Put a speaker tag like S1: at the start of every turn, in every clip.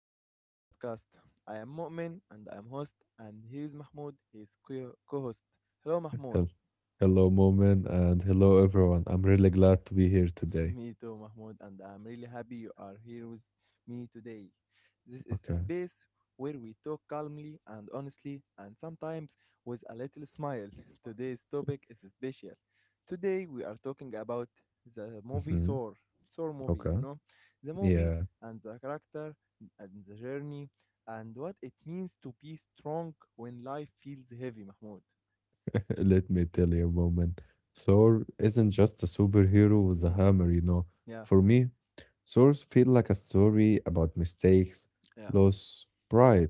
S1: back to our podcast. I am Mu'min and I am host, and here is Mahmoud, his co host. Hello, Mahmoud.
S2: Hel- Hello, Moment, and hello, everyone. I'm really glad to be here today.
S1: Me too, Mahmoud, and I'm really happy you are here with me today. This is
S2: Okay.
S1: a space where we talk calmly and honestly, and sometimes with a little smile. Today's topic is special. Today we are talking about the movie
S2: hmm
S1: Soar, Soar movie,
S2: Okay.
S1: you know, the movie
S2: Yeah.
S1: and the character and the journey and what it means to be strong when life feels heavy, Mahmoud.
S2: Let me tell you, Moment. Thor isn't just a superhero with a hammer, you know.
S1: Yeah,
S2: For me, Thor's feel like a story about mistakes,
S1: yeah,
S2: loss, pride,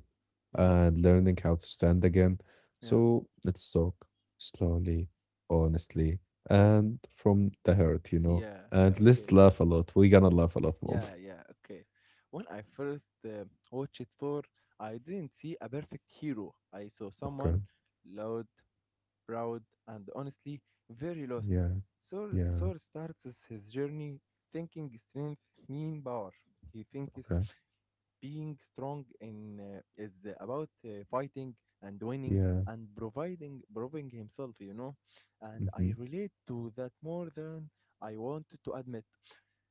S1: mm,
S2: and learning how to stand again.
S1: yeah,
S2: So let's talk slowly, honestly, and from the heart, you know.
S1: yeah, yeah.
S2: And
S1: Okay.
S2: let's laugh a lot. We're gonna laugh a lot, Moment.
S1: Yeah, yeah, okay. When I first watched Thor, I didn't see a perfect hero. I saw
S2: Okay.
S1: someone loud, proud, and honestly very lost.
S2: Yeah.
S1: Thor,
S2: Yeah,
S1: Thor starts his journey thinking strength mean power. He thinks
S2: okay.
S1: being strong in is about fighting and winning
S2: Yeah,
S1: and providing proving himself. And I
S2: mhm.
S1: relate to that more than I want to admit.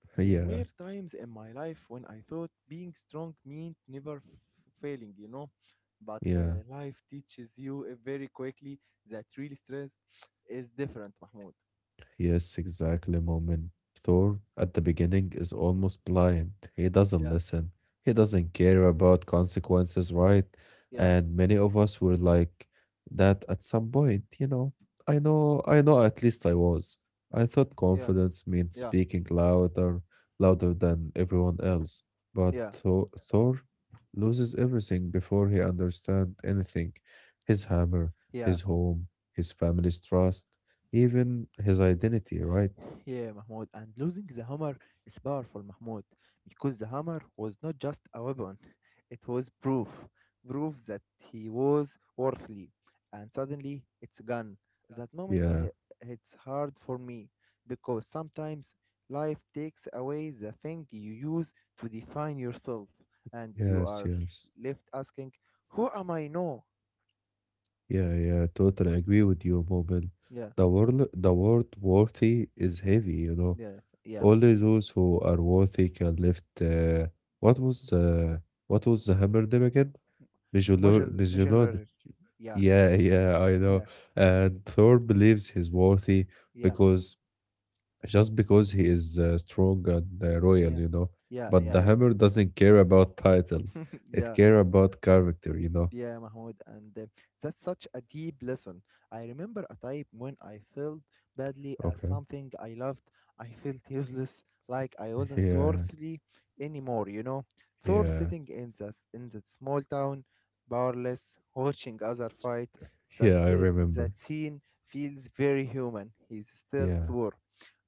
S1: There
S2: Yeah,
S1: were times in my life when I thought being strong meant never failing. But
S2: yeah.
S1: uh, life teaches you very quickly that real strength is different, Mahmoud.
S2: Yes, exactly, Moment. Thor at the beginning is almost blind. He doesn't
S1: Yeah,
S2: listen. He doesn't care about consequences, right?
S1: yeah,
S2: And many of us were like that at some point. I know, I know, at least I was. I thought
S1: yeah,
S2: confidence meant
S1: yeah,
S2: speaking louder, louder than everyone else. But
S1: yeah,
S2: Thor loses everything before he understands anything. His hammer,
S1: yeah.
S2: his home, his family's trust even his identity, right?
S1: Yeah, Mahmoud, and losing the hammer is powerful, Mahmoud, because the hammer was not just a weapon, it was proof. Proof that he was worthy. And suddenly it's gone. That moment
S2: Yeah,
S1: it's hard for me because sometimes life takes away the thing you use to define yourself, and you
S2: yes,
S1: are
S2: yes.
S1: left asking, "Who am I now?"
S2: Yeah, yeah, totally agree with you, Mobile.
S1: Yeah,
S2: The word worthy is heavy, you know.
S1: yeah, yeah,
S2: Only
S1: Mahmoud.
S2: those who are worthy can lift. What was the? What was the hammer name again? Mjolnir.
S1: Modular,
S2: Mjolnir.
S1: yeah,
S2: Yeah, yeah, I know.
S1: yeah,
S2: And Thor believes he's worthy
S1: yeah.
S2: because just because he is strong and royal,
S1: Yeah,
S2: you know.
S1: yeah,
S2: But
S1: yeah,
S2: the
S1: I
S2: hammer doesn't care about titles; it
S1: yeah,
S2: care about character, you know.
S1: yeah, Mahmoud. And that's such a deep lesson. I remember a time when I felt badly at
S2: Okay.
S1: something I loved. I felt useless, like I wasn't
S2: Yeah,
S1: worthy anymore. You know, Thor
S2: yeah,
S1: sitting in that small town, powerless, watching other fight. That
S2: yeah. I
S1: se-
S2: remember.
S1: that scene feels very human. He's still
S2: Yeah,
S1: Thor,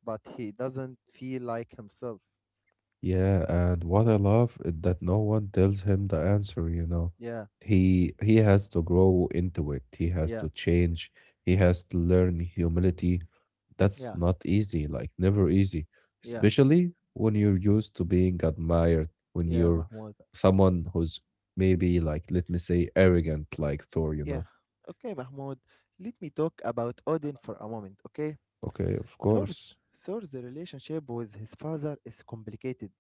S1: but he doesn't feel like himself.
S2: yeah. And what I love is that no one tells him the answer. You know,
S1: Yeah,
S2: he he has to grow into it. He has
S1: yeah,
S2: to change. He has to learn humility. That's
S1: yeah,
S2: not easy, like never easy,
S1: yeah.
S2: especially when you're used to being admired, when
S1: Yeah,
S2: you're
S1: Mahmoud.
S2: someone who's maybe like, let me say, arrogant like Thor, you
S1: Yeah.
S2: know?
S1: Okay, Mahmoud. Let me talk about Odin for a moment, okay?
S2: Okay, of
S1: Thor's,
S2: course.
S1: Thor's relationship with his father is complicated.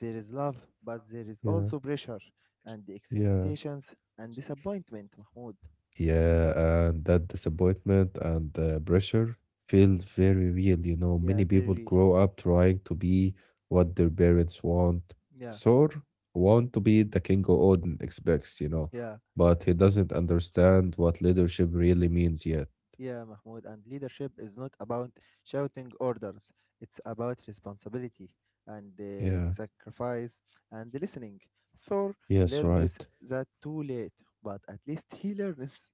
S1: There is love, but there is
S2: Yeah,
S1: also pressure and
S2: yeah.
S1: expectations and disappointment, Mahmoud.
S2: Yeah, and that disappointment and the pressure feels very real. You know,
S1: Yeah,
S2: many
S1: very
S2: people
S1: real.
S2: grow up trying to be what their parents want,
S1: Yeah,
S2: so want to be the King Odin expects, you know,
S1: yeah.
S2: but he doesn't understand what leadership really means yet.
S1: Yeah, Mahmoud, and leadership is not about shouting orders. It's about responsibility and
S2: Yeah,
S1: sacrifice and listening. Thor
S2: yes,
S1: learns
S2: right.
S1: that too late, but at least he learns.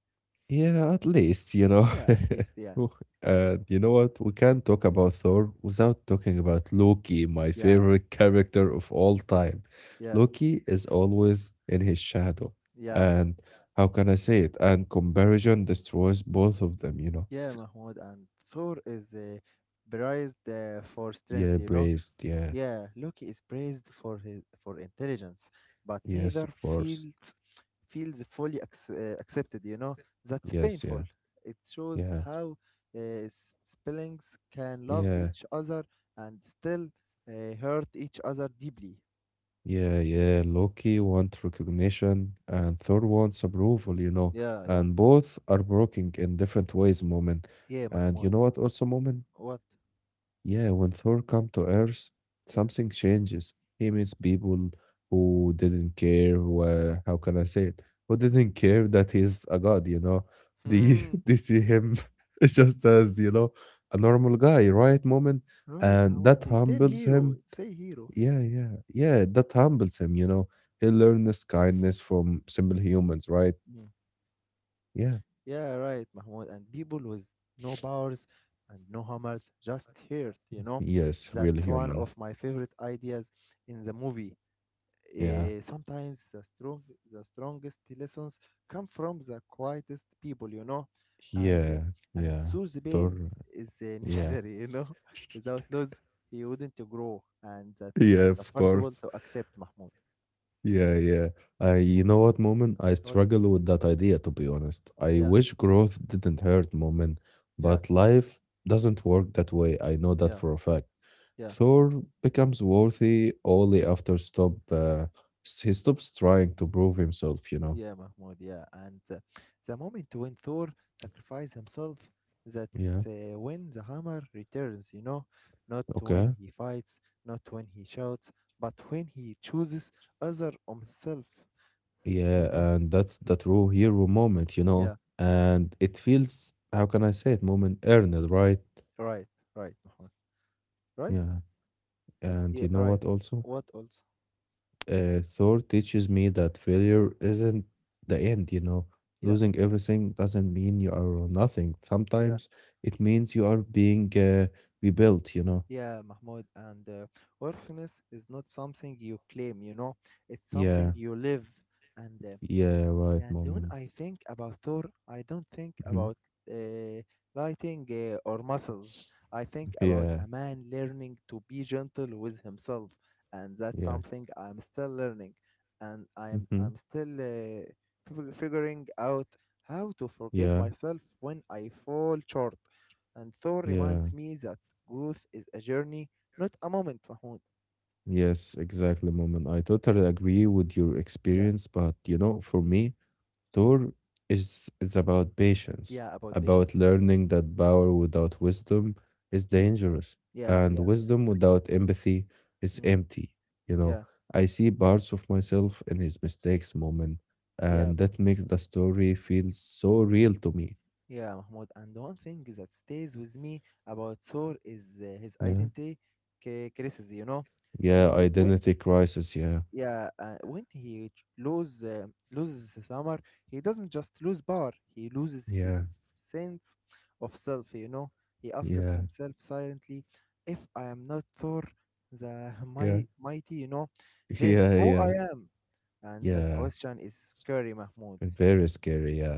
S2: Yeah, at least, you know.
S1: Yeah, at least, yeah,
S2: Ooh, and you know what? We can't talk about Thor without talking about Loki, my
S1: yeah,
S2: favorite character of all time.
S1: yeah,
S2: Loki is always in his shadow.
S1: yeah,
S2: And how can I say it? And comparison destroys both of them, you know.
S1: yeah, Mahmoud. And Thor is prized for strength,
S2: Yeah,
S1: you know.
S2: braced. Yeah.
S1: Yeah, Loki is praised for his for intelligence, but
S2: Yes,
S1: neither
S2: of course.
S1: feels fully accepted. You know that's
S2: Yes,
S1: painful.
S2: yeah.
S1: It shows
S2: Yeah.
S1: how uh, siblings can love
S2: Yeah.
S1: each other and still hurt each other deeply.
S2: Yeah, yeah. Loki wants recognition and Thor wants approval, you know.
S1: Yeah, yeah,
S2: And both are broken in different ways, Moment.
S1: yeah,
S2: And you
S1: Mahmoud.
S2: know what also, Moment?
S1: What?
S2: Yeah, when Thor come to Earth,
S1: Yeah.
S2: something changes. He meets people who didn't care, who, how can I say it? Who didn't care that he's a god, you know. They
S1: Hmm.
S2: they see him just as, you know, a normal guy, right, Moment?
S1: Right,
S2: And that
S1: Mahmoud. Tell
S2: humbles him
S1: hero. Say hero.
S2: yeah, yeah, yeah. That humbles him, you know. He learns kindness from simple humans, right?
S1: Hmm.
S2: Yeah.
S1: Yeah, right, Mahmoud. And people with no powers and no hammers just hurt.
S2: Yes, real
S1: That's one
S2: human.
S1: of my favorite ideas in the movie.
S2: Yeah.
S1: Sometimes the strongest lessons come from the quietest people, you know, and uh,
S2: Yeah.
S1: and
S2: Yeah.
S1: through the
S2: Thor.
S1: pain is
S2: Yeah.
S1: necessary, you know. Without loss, he wouldn't grow, and that's
S2: Yeah, of
S1: uncomfortable
S2: course.
S1: to accept, Mahmoud.
S2: Yeah, yeah. I, you know what, Moment? I
S1: What?
S2: struggle with that idea, to be honest. I
S1: Yeah,
S2: wish growth didn't hurt, Moment,
S1: yeah,
S2: but life doesn't work that way. I know that
S1: yeah,
S2: for a fact.
S1: yeah.
S2: Thor becomes worthy only after he stops trying to prove himself, you know.
S1: Yeah, Mahmoud, yeah. And the moment when Thor sacrifices himself,
S2: Yeah,
S1: that's when the hammer returns, you know? Not when
S2: okay.
S1: he fights, not when he shouts, but when he chooses other himself, you
S2: Yeah,
S1: know?
S2: and that's the true hero moment, you
S1: Yeah,
S2: know. And it feels how can I say it, moment earned, right?
S1: right, right, Mahmoud. Right?
S2: Yeah. And
S1: Yeah,
S2: you know
S1: right.
S2: what also?
S1: What else?
S2: Thor teaches me that failure isn't the end, you know.
S1: Yeah,
S2: Losing everything doesn't mean you are nothing.
S1: yeah,
S2: Sometimes it means you are being rebuilt, you know.
S1: yeah, Mahmoud. And orphaness is not something you claim, you know? It's something
S2: Yeah.
S1: you live. And
S2: Yeah, right,
S1: Yeah, and when
S2: moment.
S1: I think about Thor, I don't think
S2: Mhm.
S1: about uh, lighting or muscles. I think about
S2: Yeah,
S1: a man learning to be gentle with himself, and that's
S2: yeah.
S1: something I'm still learning, and I'm
S2: Mhm.
S1: I'm still figuring out how to forgive
S2: Yeah,
S1: myself when I fall short. And Thor
S2: yeah.
S1: reminds me that growth is a journey, not a moment, Mahmoud.
S2: Yes, exactly, Moment. I totally agree with your
S1: Yeah,
S2: experience, but you know, for me, Thor is about patience,
S1: yeah, about patience.
S2: about
S1: Yeah,
S2: learning that power without wisdom is
S1: mm,
S2: dangerous,
S1: yeah,
S2: and
S1: yeah,
S2: wisdom without empathy is
S1: mm,
S2: empty. You know,
S1: yeah,
S2: I see parts of myself in his mistakes, Moment,
S1: yeah.
S2: and that makes the story feel so real to me.
S1: Yeah, Mahmoud. And one thing that stays with me about Thor is his
S2: Yeah.
S1: identity crisis. You know, Uh,
S2: Yeah,
S1: he- when
S2: identity crisis, yeah.
S1: yeah, when he loses his hammer, he doesn't just lose power. He loses his
S2: Yeah.
S1: sense of self. You know, he asks
S2: Yeah,
S1: himself silently, "If I am not Thor, the
S2: yeah,
S1: my mighty, then
S2: yeah,
S1: who
S2: yeah,
S1: I am?" And that
S2: yeah.
S1: question is scary, Mahmoud.
S2: Very scary, yeah.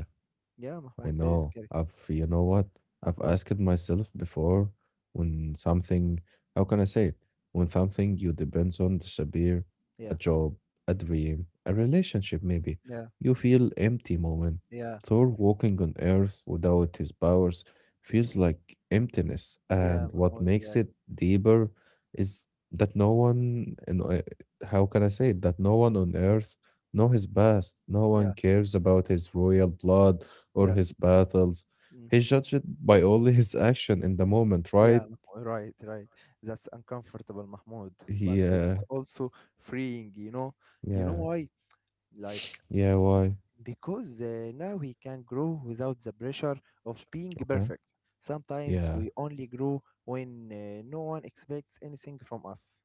S1: Yeah,
S2: I
S1: Mahmoud, very
S2: know.
S1: scary.
S2: I've, you know what? I've
S1: What?
S2: asked myself before when something, how can I say it? When something you depends on disappear,
S1: Yeah,
S2: a job, a dream, a relationship maybe,
S1: yeah,
S2: you feel empty moment.
S1: yeah.
S2: Thor walking on earth without his powers feels like emptiness.
S1: Yeah,
S2: And what
S1: Mahmoud.
S2: makes
S1: Yes.
S2: it deeper is that no one, and how can I say it? That no one on earth know his past. No one
S1: Yeah.
S2: cares about his royal blood
S1: Yeah.
S2: or
S1: yeah،
S2: his battles.
S1: mm.
S2: He's judged by only his action in the moment,
S1: Yeah.
S2: right?
S1: Mahmoud, right. Right. That's uncomfortable, Mahmoud. But
S2: He,
S1: it's also freeing. You know. You know
S2: yeah,
S1: why? Like
S2: yeah, why?
S1: because now we can grow without the pressure of being
S2: Okay,
S1: perfect. Sometimes
S2: yeah.
S1: we only grow when no one expects anything from us.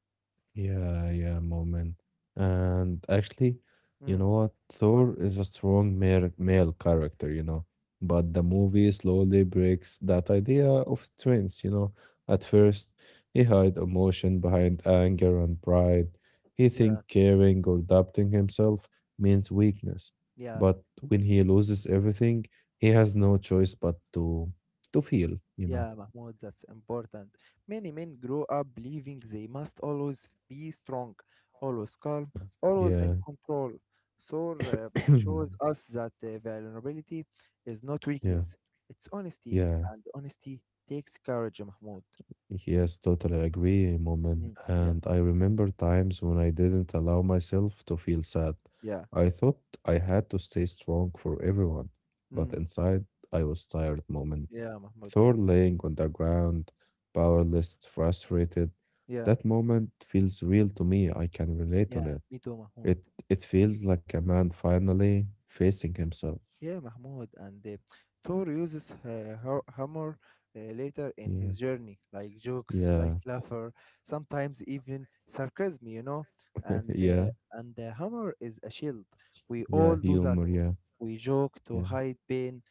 S2: Yeah, yeah, moment. And actually, you
S1: Mm.
S2: know what?
S1: What?
S2: Thor is a strong male character, you know, but the movie slowly breaks that idea of strength, you know. At first, he hide emotion behind anger and pride. He think
S1: Yeah.
S2: caring or doubting himself means weakness.
S1: Yeah.
S2: But when he loses everything, he has no choice but to feel, you know.
S1: Yeah, Mahmoud, that's important. Many men grow up believing they must always be strong, always calm, always in
S2: Yeah.
S1: control. So shows us that vulnerability is not
S2: Yeah.
S1: weakness, it's honesty,
S2: Yeah.
S1: and honesty takes courage, Mahmoud.
S2: Yes, totally agree, Moment.
S1: Mm, yeah,
S2: And I remember times when I didn't allow myself to feel sad.
S1: yeah,
S2: I thought I had to stay strong for everyone, but
S1: mm,
S2: inside I was tired, Moment.
S1: yeah, Mahmoud,
S2: Thor
S1: yeah,
S2: laying on the ground, powerless, frustrated.
S1: yeah,
S2: That moment feels real to me. I can relate on
S1: yeah,
S2: it.
S1: me too, Mahmoud.
S2: It it feels like a man finally facing himself.
S1: Yeah, Mahmoud. And Thor uses her hammer later in
S2: Yeah,
S1: his journey, like jokes,
S2: yeah,
S1: like laughter, sometimes even sarcasm. And
S2: yeah,
S1: uh, and the hammer is a shield. We
S2: yeah,
S1: all do that.
S2: humor, yeah,
S1: We joke
S2: yeah,
S1: to hide pain,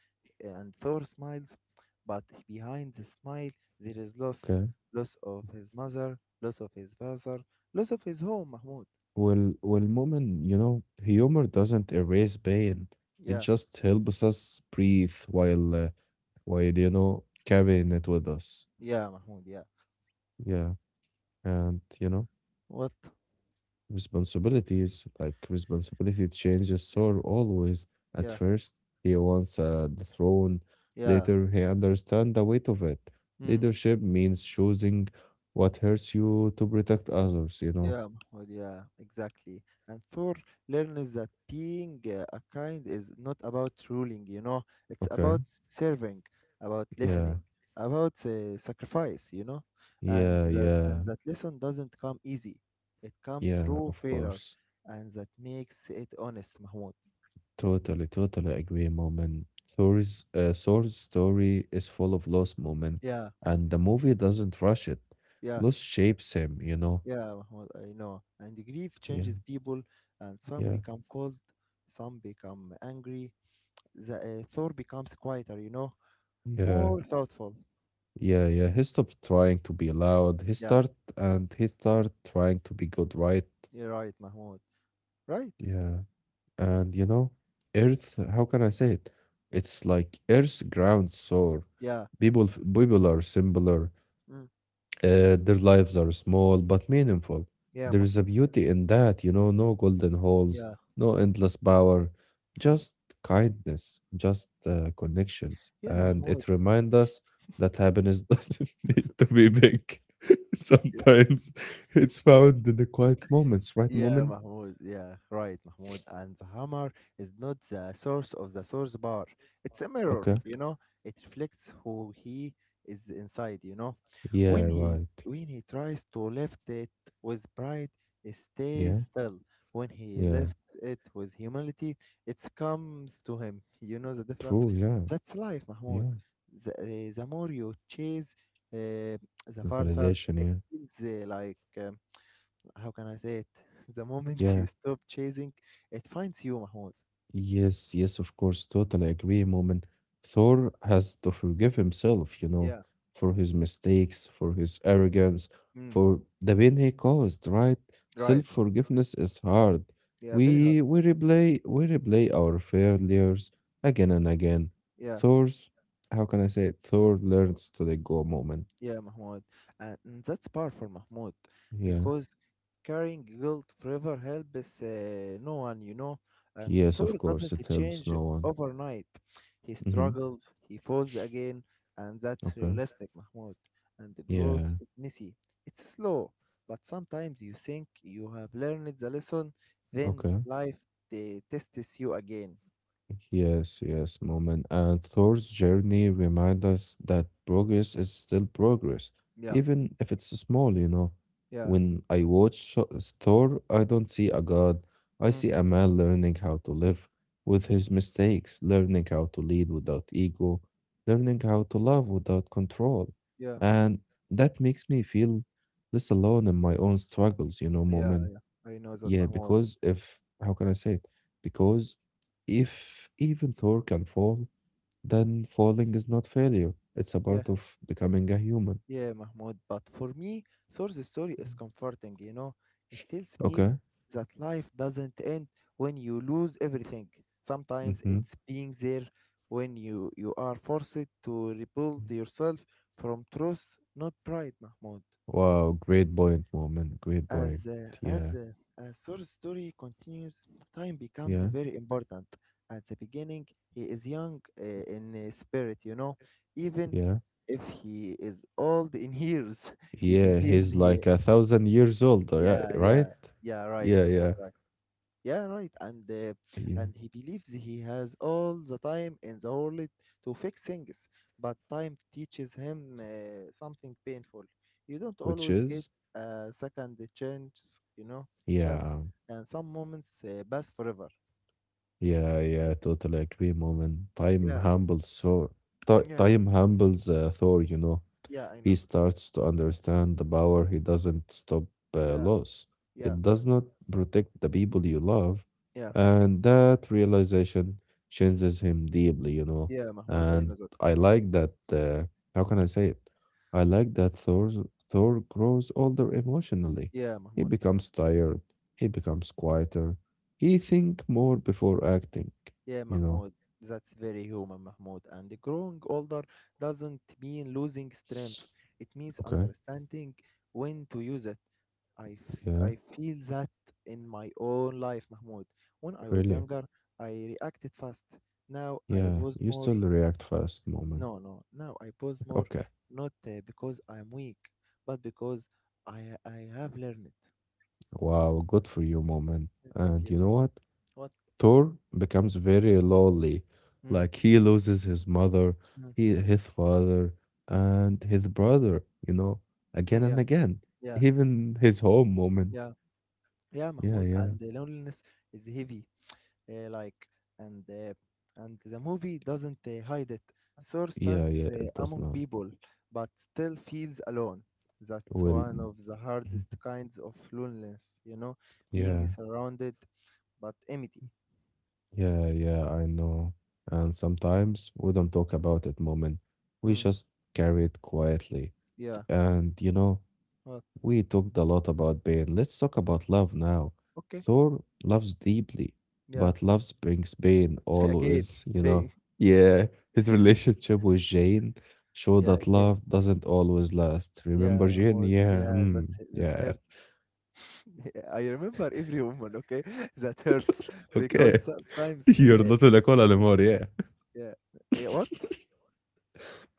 S1: and Thor smiles, but behind the smile there is loss,
S2: okay.
S1: loss of his mother, loss of his father, loss of his home, Mahmoud.
S2: Well, well, Mumin, you know, humor doesn't erase pain. It
S1: Yeah,
S2: just helps us breathe while, you know, carrying it with us.
S1: yeah, Mahmoud. Yeah.
S2: Yeah. And, you know,
S1: What?
S2: responsibilities, like responsibility changes Sor always. At
S1: Yeah,
S2: first, he wants the throne.
S1: yeah.
S2: Later, he understands the weight of it. Leadership means choosing what hurts you to protect others, you know.
S1: Yeah, Mahmoud, yeah, exactly. And four learns that being a kind is not about ruling, you know, it's
S2: Okay.
S1: about serving, about
S2: Yeah.
S1: listening, about sacrifice, you know, and
S2: Yeah.
S1: that and
S2: Yeah.
S1: that lesson doesn't come easy. It comes
S2: Yeah.
S1: through
S2: Of
S1: failure,
S2: course.
S1: and that makes it honest, Mahmoud.
S2: Totally, totally agree, Moment. Thor's story is full of loss, Moment,
S1: Yeah,
S2: and the movie doesn't rush it.
S1: yeah,
S2: Loss shapes him, you know?
S1: yeah, Mahmoud, I know. And grief
S2: Yeah,
S1: changes people, and some
S2: yeah,
S1: become cold, some become angry. The Thor becomes quieter,
S2: yeah,
S1: more thoughtful.
S2: yeah, yeah. He stopped trying to be loud. He
S1: Yeah,
S2: start and he start trying to be good, right?
S1: you're right, Mahmoud. Right?
S2: Yeah, and you know, Earth. How can I say it? It's like Earth ground Thor.
S1: Yeah.
S2: People, people are similar.
S1: Mm.
S2: Their lives are small but meaningful.
S1: Yeah,
S2: There is a beauty in that, you know, no golden holes,
S1: Yeah.
S2: no endless power,
S1: Hmm.
S2: just kindness, just connections.
S1: Yeah,
S2: And
S1: Mahmoud.
S2: it reminds us that happiness doesn't need to be big. Sometimes it's found in the quiet moments, right,
S1: Yeah,
S2: moment?
S1: Mahmoud. Yeah, right, Mahmoud. And the hammer is not the source of the source bar. It's a mirror,
S2: Okay.
S1: you know. It reflects who he is inside.
S2: Yeah,
S1: When he
S2: right.
S1: when he tries to lift it with pride, it
S2: Yeah,
S1: stays still. When he
S2: yeah.
S1: lifts it with humility, it comes to him. You know the difference?
S2: True, yeah,
S1: That's life, Mahmoud.
S2: yeah.
S1: The more you chase, uh, the farther
S2: Validation, yeah.
S1: it's eh, like. How can I say it? The moment you
S2: Yeah.
S1: stop chasing, it finds you, Mahmoud.
S2: Yes, yes, of course, totally agree, Moment. Thor has to forgive himself, you know,
S1: Yeah.
S2: for his mistakes, for his arrogance,
S1: Mm.
S2: for the pain he caused, right?
S1: Right, man.
S2: Self-forgiveness is hard.
S1: Yeah, very hard.
S2: We replay our failures again and again.
S1: Yeah.
S2: Thor's, how can I say it? Thor learns to let go moment.
S1: Yeah, Mahmoud. And that's powerful, Mahmoud,
S2: Yeah.
S1: because carrying guilt forever helps no one. And
S2: Yes,
S1: Thor
S2: of course,
S1: doesn't
S2: it helps
S1: change
S2: no one.
S1: overnight. He
S2: Mm-hmm.
S1: struggles, he falls again, and that's
S2: Okay.
S1: realistic, Mahmoud. And the growth
S2: Yeah.
S1: is messy. It's slow, but sometimes you think you have learned the lesson, then
S2: Okay.
S1: life tests you again.
S2: Yes, yes, moment. And Thor's journey reminds us that progress is still progress,
S1: Yeah,
S2: even if it's small, you know.
S1: yeah,
S2: When I watch Thor, I don't see a god. I
S1: mm,
S2: see a man learning how to live with his mistakes, learning how to lead without ego, learning how to love without control.
S1: yeah,
S2: And that makes me feel less alone in my own struggles, you know,
S1: yeah,
S2: moment.
S1: yeah. I know that,
S2: Yeah,
S1: Mahmoud.
S2: because if, how can I say it? Because if even Thor can fall, then falling is not failure. It's a
S1: Yeah.
S2: part of becoming a human.
S1: Yeah, Mahmoud, but for me, Source Story is comforting. It tells me
S2: Okay.
S1: that life doesn't end when you lose everything. Sometimes
S2: Mm-hmm.
S1: it's being there when you are forced to rebuild yourself from truth, not pride, Mahmoud.
S2: Wow, great point, moment. Great point.
S1: As uh, as
S2: Yeah,
S1: uh, as Thor's story continues, time becomes
S2: yeah,
S1: very important. At the beginning, he is young in spirit. Even
S2: yeah.
S1: if he is old in years, he
S2: Yeah,
S1: believes
S2: he's
S1: he.
S2: like a thousand years old, yeah,
S1: Yeah,
S2: right?
S1: yeah, yeah. Right,
S2: Yeah,
S1: Mahmoud.
S2: yeah,
S1: Right. Yeah, right. And uh,
S2: yeah.
S1: and he believes he has all the time in the world to fix things, but time teaches him something painful. You don't
S2: Which
S1: always get
S2: is,
S1: a second chance,
S2: yeah,
S1: and some moments pass forever.
S2: yeah, yeah. Totally agree, moment.
S1: Yeah, yeah,
S2: Time humbles Thor, you know.
S1: yeah. I
S2: He
S1: know.
S2: starts to understand the power he doesn't stop
S1: Yeah,
S2: loss.
S1: yeah,
S2: It does not protect the people you love.
S1: yeah,
S2: And that realization changes him deeply, you know.
S1: yeah, Mahmoud. I
S2: And
S1: know that.
S2: I like that. How can I say it? I like that Thor grows older emotionally.
S1: Yeah,
S2: He
S1: Mahmoud.
S2: becomes tired. He becomes quieter. He think more before acting,
S1: Yeah,
S2: you know.
S1: Mahmoud, that's very human, Mahmoud. And growing older doesn't mean losing strength. It means
S2: Okay,
S1: understanding when to use it. I, f-
S2: yeah,
S1: I feel that in my own life, Mahmoud. When I was
S2: really.
S1: younger, I reacted fast. Now I
S2: Yeah,
S1: pause
S2: you
S1: more.
S2: still react fast, moment.
S1: No, no. Now I pause more,
S2: Okay.
S1: not because I'm weak, but because I have learned.
S2: Wow, good for you, mom. Man.
S1: Thank
S2: And
S1: you.
S2: you know what?
S1: What?
S2: Thor becomes very lonely.
S1: Mm,
S2: Like he loses his mother,
S1: mm,
S2: he, his father, and his brother, you know,
S1: mm,
S2: again
S1: yeah,
S2: and again.
S1: yeah,
S2: Even his home moment.
S1: yeah. Yeah,
S2: Yeah,
S1: Mahmoud,
S2: yeah.
S1: and the loneliness is heavy, like, and uh, and the movie doesn't hide it. Thor
S2: Yeah,
S1: stands
S2: yeah. It does
S1: among
S2: not.
S1: people, but still feels alone. That's
S2: Well,
S1: one of the hardest kinds of loneliness, being
S2: yeah,
S1: surrounded but empty.
S2: yeah, yeah, I know. And sometimes we don't talk about it, moment. We
S1: Mm,
S2: just carry it quietly.
S1: yeah.
S2: And you know,
S1: What?
S2: we talked a lot about pain. Let's talk about love now.
S1: Okay.
S2: Thor loves deeply,
S1: Yeah.
S2: but love brings pain
S1: Again,
S2: always, you know.
S1: big.
S2: Yeah, his relationship with Jane showed
S1: Yeah,
S2: that love
S1: again.
S2: doesn't always last.
S1: Yeah,
S2: Remember Jane?
S1: Mahmoud.
S2: Yeah,
S1: Yeah,
S2: hmm,
S1: that's it. That
S2: yeah.
S1: hurts. I remember every woman. Okay, that hurts because
S2: Okay,
S1: sometimes.
S2: you're not in a call anymore. Yeah,
S1: Yeah. Yeah, what?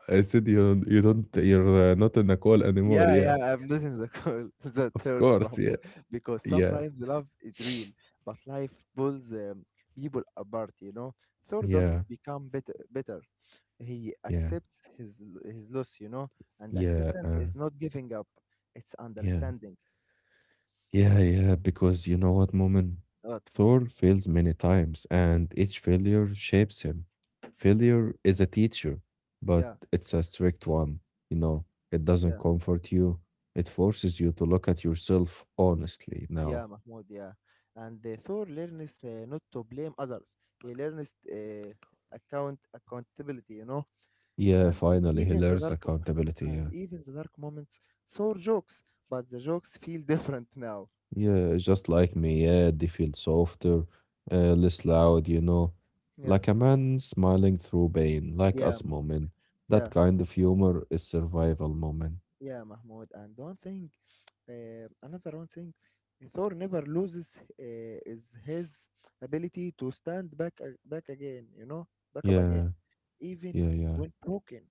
S2: I said you're not in a call anymore.
S1: Yeah,
S2: Yeah,
S1: yeah, I'm not in the call. That
S2: of
S1: hurts,
S2: course. Yeah,
S1: Mahmoud. Because
S2: yeah,
S1: sometimes love is real, but life pulls people apart. Thor doesn't
S2: yeah,
S1: become better. He
S2: yeah,
S1: accepts his loss, and
S2: yeah,
S1: acceptance is not giving up. It's
S2: yeah.
S1: understanding.
S2: Yeah, yeah, because you know what, Moment,
S1: What, Mahmoud?
S2: Thor fails many times, and each failure shapes him. Failure is a teacher, but
S1: Yeah,
S2: it's a strict one. You know, it doesn't
S1: yeah,
S2: comfort you, it forces you to look at yourself honestly now.
S1: yeah, Mahmoud, yeah. And Thor learns not to blame others. He learns accountability, you know.
S2: Yeah,
S1: and e,
S2: finally, he
S1: even the
S2: learns
S1: dark
S2: accountability.
S1: and
S2: Yeah,
S1: even the dark moments saw jokes, but the jokes feel different now.
S2: yeah, just like me. Yeah, they feel softer, less loud, you know,
S1: Yeah,
S2: like a man smiling through pain, like
S1: yeah,
S2: us,
S1: Mahmoud.
S2: Moment. That
S1: Yeah,
S2: kind of humor is survival, Moment.
S1: yeah, Mahmoud. And one thing, another one thing, Thor never loses is his ability to stand back a- back again. You know, back up again,
S2: Yeah,
S1: even
S2: yeah, yeah,
S1: when broken.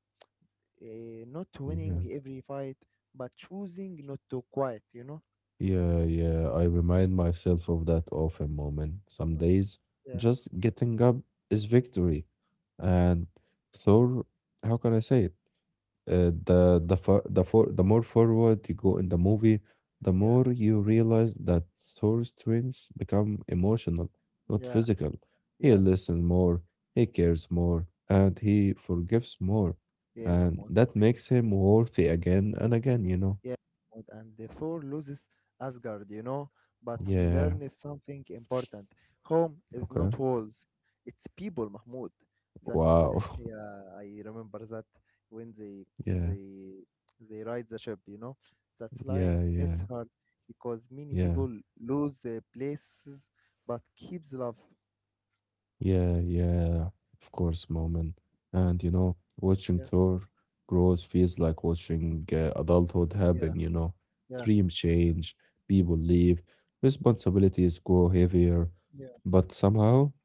S1: Not
S2: yeah,
S1: winning every fight, but choosing not to quit. You know.
S2: yeah, yeah. I remind myself of that often moment. Some days,
S1: Yeah,
S2: just getting up is victory. And Thor, how can I say it? The more forward you go in the movie, the
S1: yeah,
S2: more you realize that Thor's strengths become emotional, not
S1: yeah,
S2: physical. He
S1: yeah,
S2: listens more, he cares more, and he forgives more,
S1: yeah,
S2: and
S1: Mahmoud.
S2: that makes him worthy again and again, you know.
S1: Yeah, Mahmoud, and the Thor loses Asgard, you know, but he
S2: Yeah.
S1: learns something important. Home is
S2: Okay.
S1: not walls, it's people, Mahmoud. That's
S2: Wow.
S1: yeah, I remember that when they
S2: Yeah.
S1: they they ride the ship, you know. That line
S2: Yeah. Yeah.
S1: hits hard because many
S2: Yeah.
S1: people lose their places but keeps love.
S2: Yeah. Yeah. Of course, moment. And you know, watching
S1: Yeah,
S2: Thor grows feels like watching adulthood
S1: yeah,
S2: happen, you know.
S1: yeah,
S2: Dreams change, people leave, responsibilities grow heavier,
S1: yeah,
S2: but somehow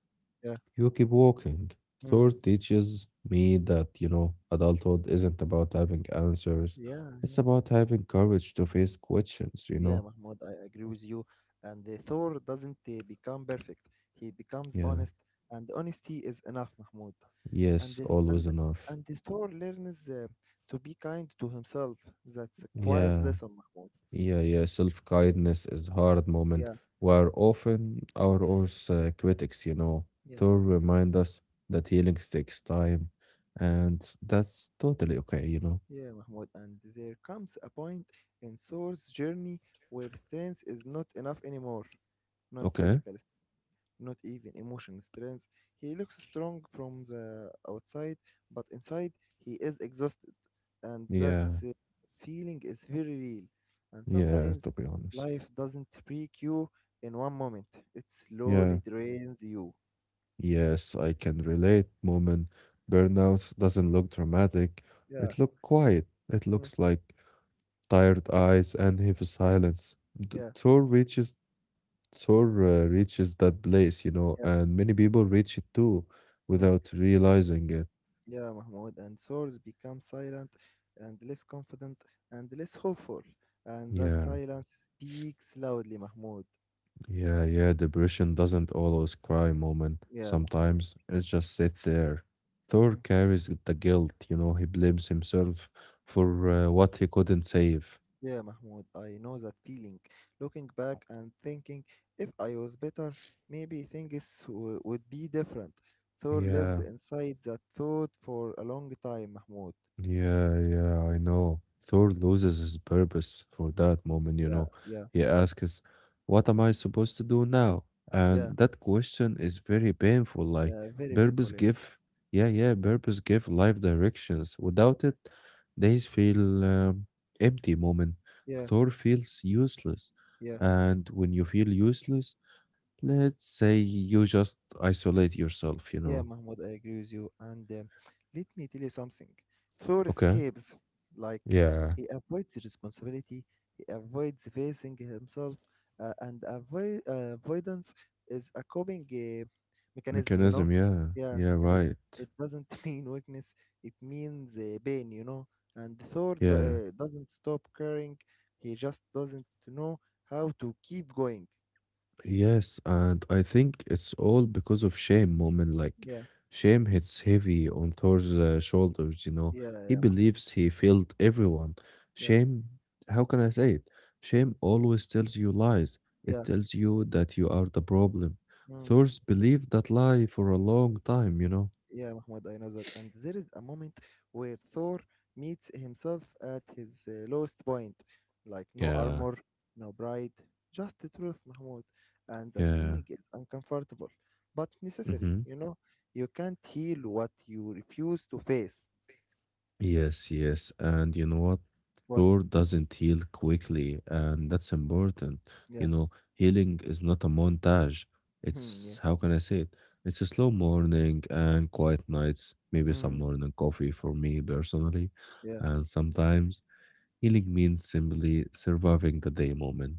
S1: yeah.
S2: you keep walking. Thor
S1: Mm,
S2: teaches me that, you know, adulthood isn't about having answers.
S1: yeah.
S2: It's about having courage to face questions, you
S1: Yeah,
S2: know.
S1: Mahmoud, I agree with you. And the Thor doesn't become perfect. He becomes
S2: Yeah.
S1: honest, and honesty is enough, Mahmoud. And
S2: Yes,
S1: the,
S2: always
S1: and
S2: enough.
S1: and the Thor learns to be kind to himself. That's a quiet
S2: Yeah,
S1: lesson, Mahmoud.
S2: yeah, yeah. Self-kindness is hard moment
S1: Yeah,
S2: where often our worst critics, you know,
S1: yeah,
S2: they'll
S1: good.
S2: remind us that healing takes time, and that's totally okay, you know.
S1: Yeah, Mahmoud. And there comes a point in Thor's journey where strength is not enough anymore, not
S2: Okay.
S1: physical, not even emotional strength. He looks strong from the outside, but inside he is exhausted, and that
S2: Yeah,
S1: uh, feeling is very real. And
S2: yeah,
S1: sometimes
S2: to be honest.
S1: life doesn't break you in one moment; it slowly
S2: Yeah,
S1: drains you.
S2: yes, I can relate. Moment burnout doesn't look dramatic.
S1: Yeah,
S2: It look quiet. It
S1: mm,
S2: looks like tired eyes and heavy silence. The
S1: yeah,
S2: tour reaches Thor reaches that place, you know,
S1: yeah,
S2: and many people reach it too
S1: mm,
S2: without realizing it.
S1: yeah, Mahmoud. And souls become silent, and less confident, and less hopeful. And that
S2: Yeah,
S1: silence speaks loudly, Mahmoud.
S2: yeah, yeah. Depression doesn't always cry moment.
S1: Yeah, Mahmoud.
S2: Sometimes it just sits there. Thor
S1: Mm.
S2: carries the guilt, you know, he blames himself for what he couldn't save.
S1: Yeah, Mahmoud, I know that feeling. Looking back and thinking, if I was better, maybe things would be different. Thor lives
S2: Yeah.
S1: inside that thought for a long time, Mahmoud.
S2: Yeah, yeah, I know. Thor loses his purpose for that moment, you
S1: Yeah,
S2: know.
S1: yeah,
S2: He asks, what am I supposed to do now?
S1: yeah,
S2: And that question is very painful. Like,
S1: yeah, very
S2: purpose
S1: painful, yeah.
S2: give, yeah, yeah, purpose give life directions. Without it, days feel empty moment.
S1: Yeah,
S2: Thor feels useless.
S1: yeah.
S2: And when you feel useless, let's say you just isolate yourself, you
S1: Yeah,
S2: know.
S1: Mahmoud, I agree with you. And Let me tell you something. Thor
S2: Okay.
S1: escapes, like,
S2: Yeah.
S1: he avoids responsibility, he avoids facing himself, and avoidance is a coping mechanism. You know,
S2: Mechanism, yeah,
S1: yeah,
S2: yeah,
S1: mechanism.
S2: right.
S1: It doesn't mean weakness. It means pain. You know, and Thor d-
S2: Yeah.
S1: uh, doesn't stop caring. He just doesn't know how to keep going.
S2: Yes, and I think it's all because of shame, Moment. Like,
S1: Yeah,
S2: shame hits heavy on Thor's shoulders, you know.
S1: yeah,
S2: He
S1: yeah, Mahmoud.
S2: believes he failed everyone.
S1: Yeah,
S2: Shame, how can I say it? Shame always tells you lies. It
S1: yeah.
S2: tells you that you are the problem.
S1: Hmm.
S2: Thor's believed that lie for a long time, you know.
S1: Yeah, Mahmoud, I know that. And there is a moment where Thor meets himself at his lowest point. Like, no
S2: Yeah.
S1: armor, no pride, just the truth, Mahmoud. And that
S2: Yeah.
S1: meaning is uncomfortable, but necessary,
S2: Mm-hmm.
S1: you know? You can't heal what you refuse to face.
S2: Yes, yes. And you know what?
S1: What?
S2: Thor doesn't heal quickly, and that's important.
S1: Yeah.
S2: You know, healing is not a montage.
S1: Hmm, yeah.
S2: It's, how can I say it? It's a slow morning and quiet nights, maybe some
S1: Mm,
S2: morning coffee for me personally.
S1: yeah.
S2: And sometimes healing means simply surviving the day moment.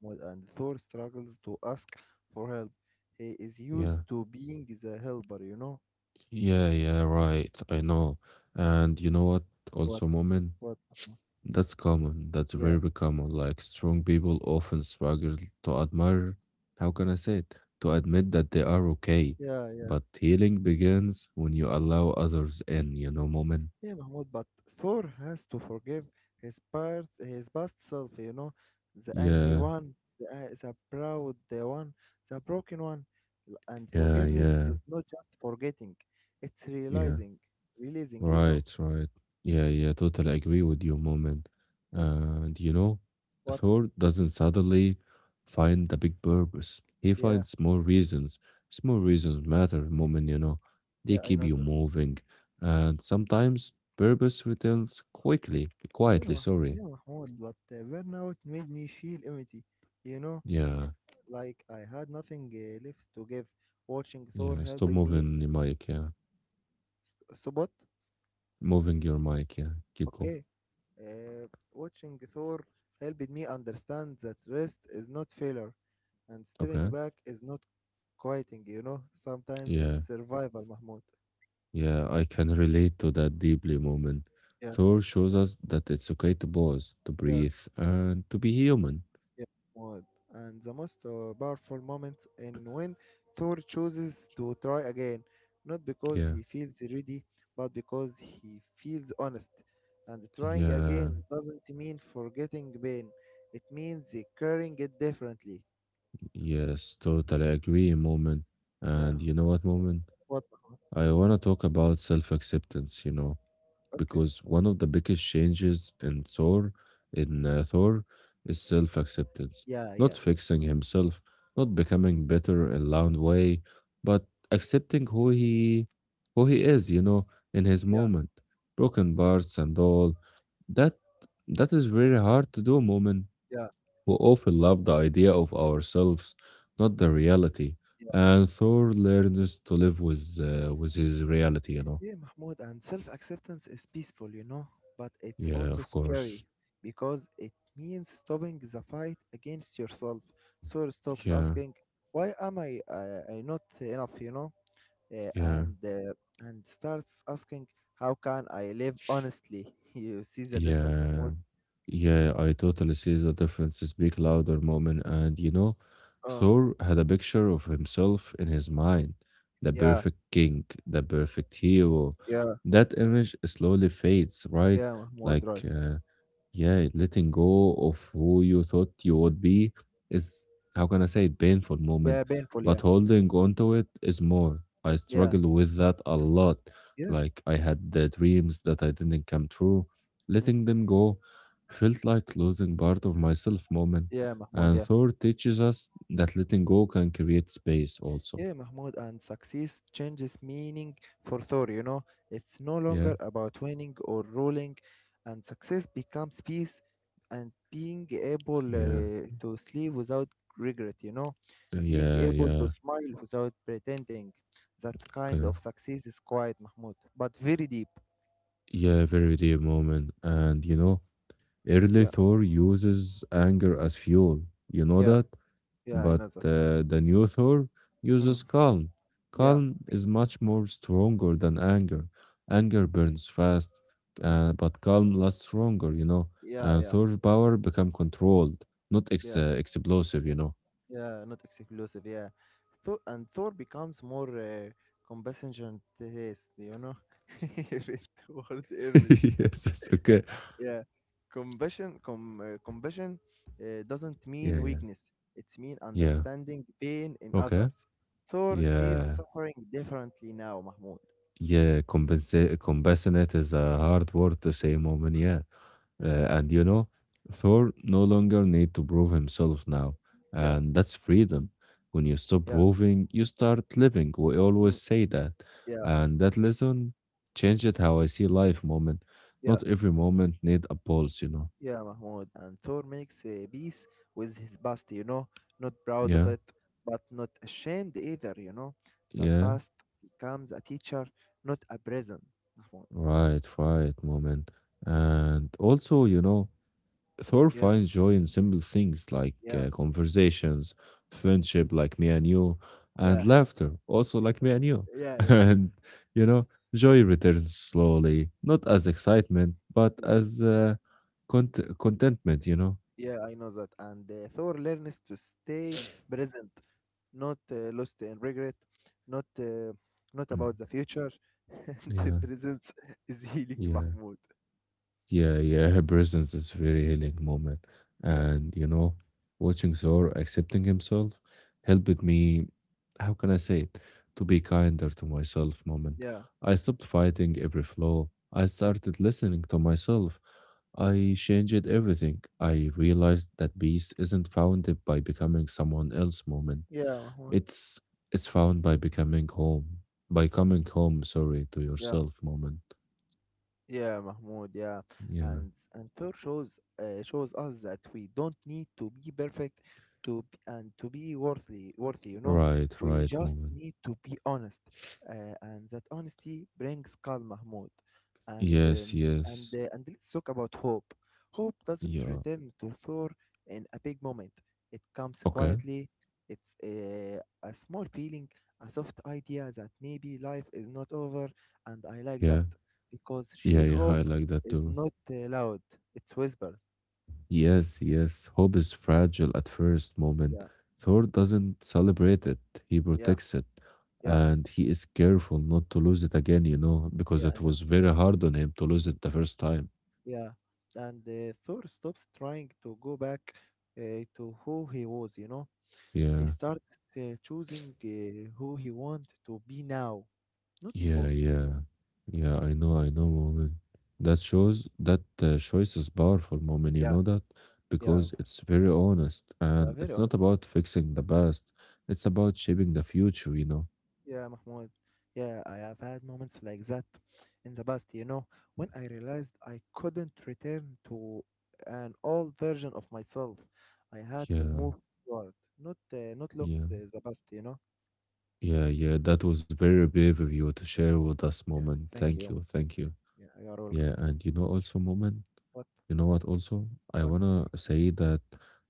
S1: Mahmoud. And Thor struggles to ask for help. He is
S2: Yeah.
S1: used to being the helper, you know?
S2: Yeah, yeah, right. I know. And you know what?
S1: What?
S2: Also, moment.
S1: What, Mahmoud?
S2: That's common. That's
S1: Yeah.
S2: very common. Like strong people often struggle to admire, how can I say it? To admit that they are okay.
S1: Yeah, yeah.
S2: But healing begins when you allow others in, you know, moment.
S1: Yeah, Mahmoud, but Thor has to forgive his his past self, you know, the angry
S2: Yeah,
S1: one, the proud one, the broken one. And
S2: yeah,
S1: forgiveness
S2: yeah,
S1: is not just forgetting, it's
S2: yeah.
S1: realizing, releasing, you know.
S2: Right, right. Yeah, yeah, totally agree with you, Moment.
S1: Mm.
S2: And you know,
S1: What?
S2: Thor doesn't suddenly find a big purpose. He
S1: Yeah,
S2: finds small reasons. Small reasons matter, Moment, you know. They
S1: yeah, I
S2: keep
S1: know
S2: you
S1: that.
S2: moving. And sometimes purpose returns quickly, quietly, sorry.
S1: Yeah, Mahmoud, but burnout made me feel empty, you know,
S2: Yeah,
S1: like I had nothing left to give. Watching Thor
S2: yeah. Stop
S1: helped me
S2: moving your mic, yeah.
S1: spot,
S2: Moving your mic, yeah. Keep going.
S1: okay, Uh, watching Thor helped me understand that rest is not failure and stepping
S2: Okay.
S1: back is not quieting, you know? Sometimes it's
S2: Yeah.
S1: survival, Mahmoud.
S2: Yeah, I can relate to that deeply moment.
S1: Yeah,
S2: Thor shows us that it's okay to pause, to
S1: yeah,
S2: breathe, and to be human.
S1: yeah, Mahmoud. And the most powerful moment in when Thor chooses to try again, not because
S2: Yeah,
S1: he feels ready, but because he feels honest. And trying
S2: yeah,
S1: again doesn't mean forgetting pain, it means carrying it differently.
S2: yes, totally agree, moment.
S1: Yeah,
S2: And you know what, moment?
S1: what?
S2: I want to talk about self acceptance, you know.
S1: Okay.
S2: Because one of the biggest changes in Thor in Thor is self-acceptance,
S1: Yeah,
S2: not
S1: yeah.
S2: fixing himself, not becoming better in loud way, but accepting who he is, you know, in his
S1: Yeah,
S2: moment, broken parts and all. That that is very hard to do, moment.
S1: yeah,
S2: We often love the idea of ourselves, not the reality.
S1: yeah.
S2: And Thor learns to live with his reality, you know.
S1: Yeah, Mahmoud, and self-acceptance is peaceful, you know, but it's
S2: Yeah,
S1: also
S2: of
S1: scary
S2: course.
S1: because it means stopping the fight against yourself. So it stops
S2: Yeah.
S1: asking, "Why am I not enough?" You know, uh,
S2: Yeah,
S1: and uh, and starts asking, "How can I live honestly?" You see the difference,
S2: yeah,
S1: Mahmoud?
S2: yeah. I totally see the difference. Speak louder moment. And you know,
S1: Uh,
S2: Thor had a picture of himself in his mind, the
S1: yeah,
S2: perfect king, the perfect hero.
S1: yeah,
S2: That image slowly fades, right?
S1: yeah, Mahmoud,
S2: Like
S1: right?
S2: yeah, letting go of who you thought you would be is, how can I say it, painful moment,
S1: Yeah, painful, yeah,
S2: but holding on to it is more. I
S1: yeah,
S2: struggle with that a lot.
S1: yeah,
S2: Like I had the dreams that I didn't come true.
S1: mm,
S2: Letting them go felt like losing part of myself moment.
S1: yeah, Mahmoud,
S2: And
S1: yeah.
S2: Thor teaches us that letting go can create space also.
S1: Yeah, Mahmoud, and success changes meaning for Thor, you know. It's no
S2: Yeah,
S1: longer about winning or ruling, and success becomes peace and being able
S2: yeah,
S1: to sleep without regret, you know. Being
S2: yeah,
S1: able to
S2: yeah.
S1: smile without pretending. That kind
S2: Okay.
S1: of success is quiet, Mahmoud, but very deep.
S2: Yeah, very dear moment. And you know, early
S1: Yeah,
S2: Thor uses anger as fuel, you know
S1: yeah,
S2: that?
S1: yeah, I
S2: But
S1: know that.
S2: the new Thor
S1: Mm,
S2: uses calm.
S1: yeah,
S2: Calm is much more stronger than anger. Anger burns fast,
S1: mm,
S2: but calm lasts longer, you know?
S1: yeah,
S2: And
S1: yeah,
S2: Thor's power become controlled, not ex-
S1: yeah.
S2: uh, explosive, you know?
S1: Yeah, not exclusive. Yeah, Thor becomes more compassionate. Yes, you know, toward Hermes.
S2: Yes, it's okay.
S1: Yeah, compassion doesn't
S2: Yeah,
S1: mean
S2: yeah.
S1: weakness. It's mean
S2: Yeah.
S1: understanding pain in
S2: Okay.
S1: others. Thor sees
S2: Yeah.
S1: suffering differently now, Mahmoud.
S2: Yeah. Compassionate is a hard word to say, Moment. Yeah. Uh,
S1: Yeah.
S2: and you know, Thor no longer need to prove himself now,
S1: Yeah,
S2: and that's freedom. When you stop
S1: yeah,
S2: proving, you start living. We always
S1: mm,
S2: say that,
S1: yeah,
S2: and that lesson changed how I see life. Moment,
S1: yeah.
S2: not every moment need a pulse. You know.
S1: Yeah, Mahmoud. And Thor makes a peace with his past, you know, not proud of
S2: Yeah,
S1: it, but not ashamed either, you know. That
S2: yeah,
S1: past becomes a teacher, not a prison, Mahmoud.
S2: right, right. Moment, and also you know Thor
S1: Yeah,
S2: finds joy in simple things like
S1: yeah,
S2: conversations, friendship like me and you, and
S1: yeah,
S2: laughter also like me and you.
S1: yeah, yeah,
S2: And, you know, joy returns slowly, not as excitement, but
S1: yeah.
S2: as contentment, you know?
S1: Yeah, I know that. And Thor learns to stay present, not lost in regret, not uh, not about the future. The
S2: Yeah,
S1: presence is healing,
S2: yeah.
S1: Mahmoud.
S2: Yeah, yeah, her presence is very healing moment.
S1: Yeah,
S2: And you know, watching Thor accepting himself helped me, how can I say it, to be kinder to myself moment.
S1: yeah,
S2: I stopped fighting every flaw. I
S1: mm,
S2: started listening to myself. I changed everything. I realized that peace isn't founded by becoming someone else moment.
S1: yeah, Mahmoud.
S2: It's found by becoming home. By coming home, sorry, to
S1: Yeah.
S2: yourself moment.
S1: Yeah, Mahmoud, yeah.
S2: Yeah.
S1: And Thor shows us that we don't need to be perfect to b- and to be worthy, you know.
S2: Right,
S1: We
S2: right
S1: just
S2: moment.
S1: need to be honest. And that honesty brings calm, Mahmoud. And
S2: Yes,
S1: um, and
S2: yes.
S1: uh, and let's talk about hope. Hope doesn't
S2: Yeah.
S1: return to Thor in a big moment. It comes
S2: Okay.
S1: quietly. It's a small feeling, a soft idea that maybe life is not over, and I like
S2: Yeah.
S1: that because
S2: Yeah,
S1: real
S2: yeah, I
S1: hope
S2: like that
S1: is
S2: too.
S1: not loud, it's whispers.
S2: Yes, yes. Hope is fragile at first moment.
S1: Yeah,
S2: Thor doesn't celebrate it. He
S1: yeah,
S2: protects it.
S1: yeah,
S2: And he is careful not to lose it again, you know, because
S1: yeah,
S2: it
S1: I
S2: was
S1: know.
S2: very hard on him to lose it the first time.
S1: Yeah. And Thor stops trying to go back to who he was, you know. He
S2: Yeah.
S1: starts choosing who he wants to be now, not
S2: Yeah,
S1: before.
S2: yeah, yeah. I know, moment. That shows that choice is powerful, moment. You
S1: Yeah,
S2: know that
S1: yeah,
S2: because it's very honest,
S1: yeah,
S2: and
S1: very
S2: it's not
S1: honest.
S2: about fixing the past. It's about shaping the future. You know.
S1: Yeah, Mahmoud. Yeah, I have had moments like that in the past, you know, when I realized I couldn't return to an old version of myself. I had to
S2: Yeah,
S1: move forward, not look
S2: yeah,
S1: to the past, you know.
S2: yeah, yeah. That was very brave of you to share with us,
S1: Yeah,
S2: moment.
S1: thank
S2: Thank you,
S1: you.
S2: thank you.
S1: Yeah, you are welcome.
S2: Yeah, and you know also, Moment,
S1: What?
S2: you know what also? I
S1: What?
S2: wanna say that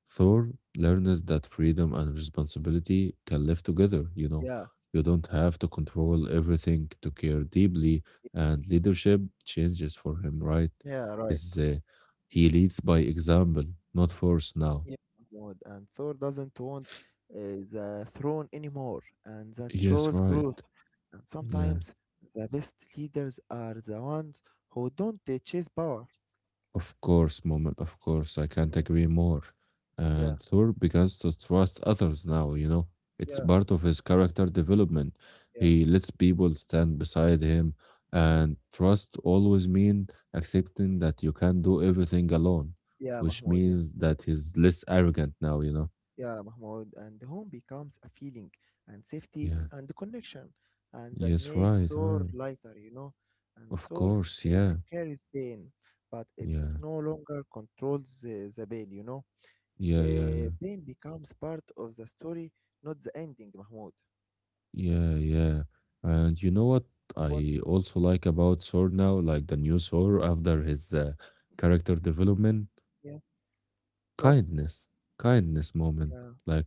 S2: Thor learns that freedom and responsibility can live together, you know.
S1: Yeah,
S2: You don't have to control everything to care deeply, and leadership changes for him, right?
S1: yeah, right.
S2: His, he leads by example, not force now.
S1: Yeah, Mahmoud. And Thor doesn't want uh, the throne anymore, and that
S2: Yes,
S1: shows
S2: right.
S1: growth. And
S2: Yeah.
S1: sometimes the best leaders are the ones who don't chase power.
S2: Of course, moment, of course, I can't
S1: Mm.
S2: agree more.
S1: Yeah,
S2: And Thor begins to trust others now, you know. It's
S1: yeah,
S2: part of his character development.
S1: yeah,
S2: He lets people stand beside him,
S1: yeah,
S2: and trust always mean accepting that you can't do everything alone,
S1: yeah,
S2: which
S1: Mahmoud. Yeah,
S2: means that he's less arrogant now, you know.
S1: yeah, Mahmoud. And the home becomes a feeling and safety
S2: Yeah.
S1: and connection, and that
S2: Yes,
S1: makes
S2: right,
S1: Thor
S2: right.
S1: lighter, you know. And
S2: Of
S1: Thor
S2: course,
S1: still
S2: yeah.
S1: carries pain, but it's
S2: Yeah.
S1: no longer controls the pain, you know.
S2: Yeah, yeah, yeah.
S1: Pain becomes part of the story, not the ending, Mahmoud.
S2: Yeah, yeah. And you know what
S1: What?
S2: I also like about Thor now, like the new Thor after his character development,
S1: Yeah. What?
S2: kindness, kindness moment.
S1: Yeah.
S2: Like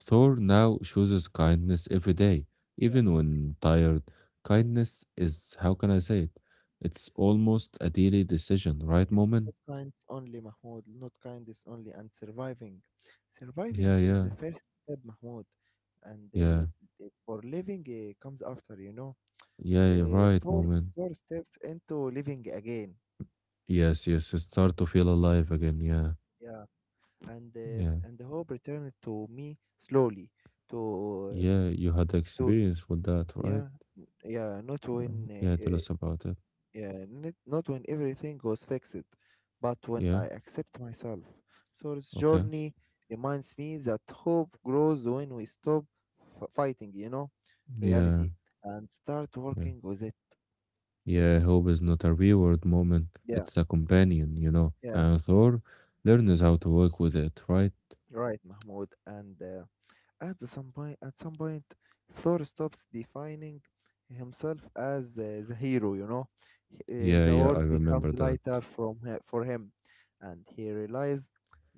S2: Thor now chooses kindness every day,
S1: Yeah.
S2: even when tired. Kindness is, how can I say it? It's almost a daily decision, right, moment?
S1: Not kindness only, Mahmoud. Not kindness only. And surviving. Surviving
S2: Yeah,
S1: is the
S2: yeah,
S1: first step, Mahmoud. And
S2: yeah,
S1: the- for living comes after, you know.
S2: yeah,
S1: Uh,
S2: right,
S1: four,
S2: moment.
S1: Four steps into living again.
S2: Yes, yes, start to feel alive again. Yeah,
S1: Yeah.
S2: yeah,
S1: And the hope returned to me slowly. To
S2: yeah. You had
S1: to
S2: experience with that, right?
S1: yeah, yeah. Not
S2: Uh,
S1: when
S2: Yeah, tell us about it.
S1: yeah, not when everything was fixed, but when
S2: Yeah,
S1: I accept myself. So this
S2: okay.
S1: journey reminds me that hope grows when we stop fighting, you know,
S2: Yeah,
S1: reality and start
S2: yeah.
S1: working with it.
S2: Yeah, hope is not a reward moment.
S1: Yeah,
S2: It's a companion, you know.
S1: yeah,
S2: And Thor learns how to work with it, right?
S1: right, Mahmoud. And at the some point, Thor stops defining himself as the hero. You know,
S2: Yeah,
S1: the
S2: yeah, I
S1: world
S2: remember
S1: becomes
S2: that.
S1: lighter from for him, and he realized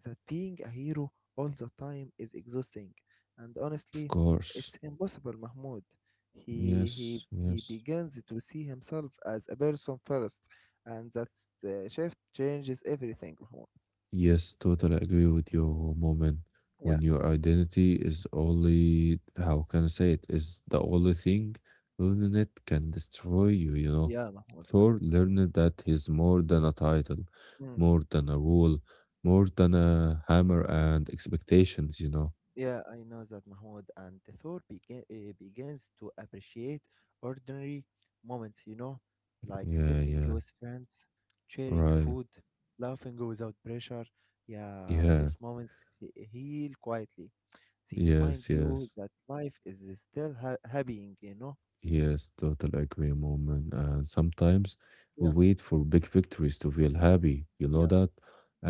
S1: that being a hero all the time is exhausting. And
S2: Of
S1: honestly,
S2: course.
S1: it's impossible, Mahmoud. He he
S2: Yes,
S1: he
S2: yes.
S1: begins to see himself as a person first, and that shift changes everything, Mahmoud.
S2: Yes, totally agree with you, Moment.
S1: Yeah,
S2: When your identity is only, how can I say it, is the only thing, learning it can destroy you, you know.
S1: yeah, Mahmoud.
S2: Thor learned that he's more than a title,
S1: Yeah.
S2: more than a rule, more than a hammer and expectations, you know.
S1: Yeah, I know that, Mahmoud, and the Thor begins to appreciate ordinary moments, you know, like
S2: Yeah,
S1: sitting
S2: yeah,
S1: with friends, sharing
S2: right.
S1: food, laughing without pressure. Yeah,
S2: Yeah,
S1: those moments heal quietly. They remind
S2: yes,
S1: you
S2: yes.
S1: that life is still happening, you know?
S2: Yes, total agree, moment. And sometimes we
S1: Yeah,
S2: wait for big victories to feel happy. You know
S1: yeah,
S2: that?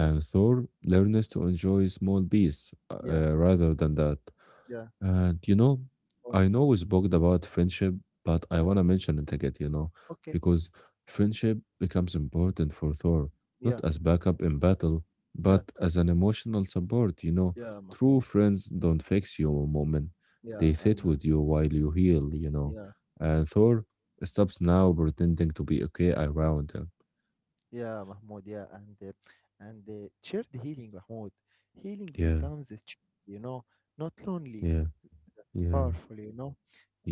S1: yeah,
S2: Thor learns to enjoy small peace
S1: yeah,
S2: rather than that.
S1: yeah,
S2: And you know,
S1: oh,
S2: I know we spoke about friendship, but I
S1: yeah.
S2: want to mention it again, you know,
S1: Okay,
S2: because friendship becomes important for Thor, not
S1: yeah,
S2: as backup in battle,
S1: yeah,
S2: but as an emotional support, you know.
S1: yeah,
S2: True
S1: Mahmoud.
S2: friends don't fix you a moment,
S1: Yeah,
S2: they
S1: I
S2: sit
S1: know.
S2: with you while you heal, you know.
S1: Yeah.
S2: And Thor stops now pretending to be okay around him.
S1: Yeah, Mahmoud, yeah, and shared healing, Mahmoud. Healing
S2: Yeah,
S1: becomes a strength, you know, not lonely.
S2: yeah,
S1: That's
S2: yeah,
S1: powerful, you know,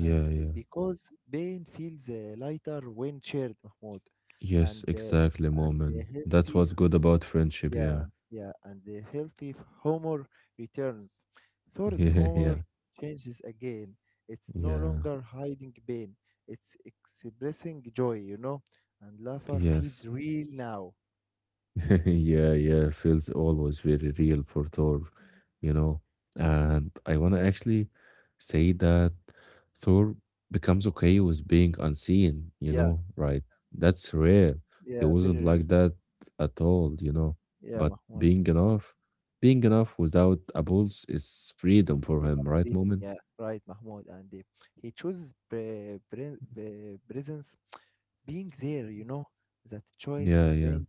S1: and
S2: yeah.
S1: because pain feels lighter when shared, Mahmoud,
S2: Yes,
S1: and uh,
S2: exactly,
S1: and the
S2: moment. That's
S1: healthy,
S2: what's good about friendship, yeah.
S1: yeah, yeah, and the healthy humor returns. Thor's
S2: Yeah, yeah.
S1: humor changes again. It's no
S2: Yeah,
S1: longer hiding pain. It's expressing joy, you know, and laughter
S2: yes.
S1: feels real now.
S2: Yeah, yeah, feels always very real for Thor, you know. And I want to actually say that Thor becomes okay with being unseen, you
S1: Yeah.
S2: know, right? That's rare. He
S1: Yeah,
S2: wasn't
S1: very.
S2: like that at all, you know.
S1: Yeah,
S2: But
S1: Mahmoud.
S2: being enough without a pulse is freedom for
S1: Yeah,
S2: him, right,
S1: freedom.
S2: Moment?
S1: Yeah, right, Mahmoud. And he chooses presence, being there. You know that choice
S2: Yeah, yeah,
S1: brings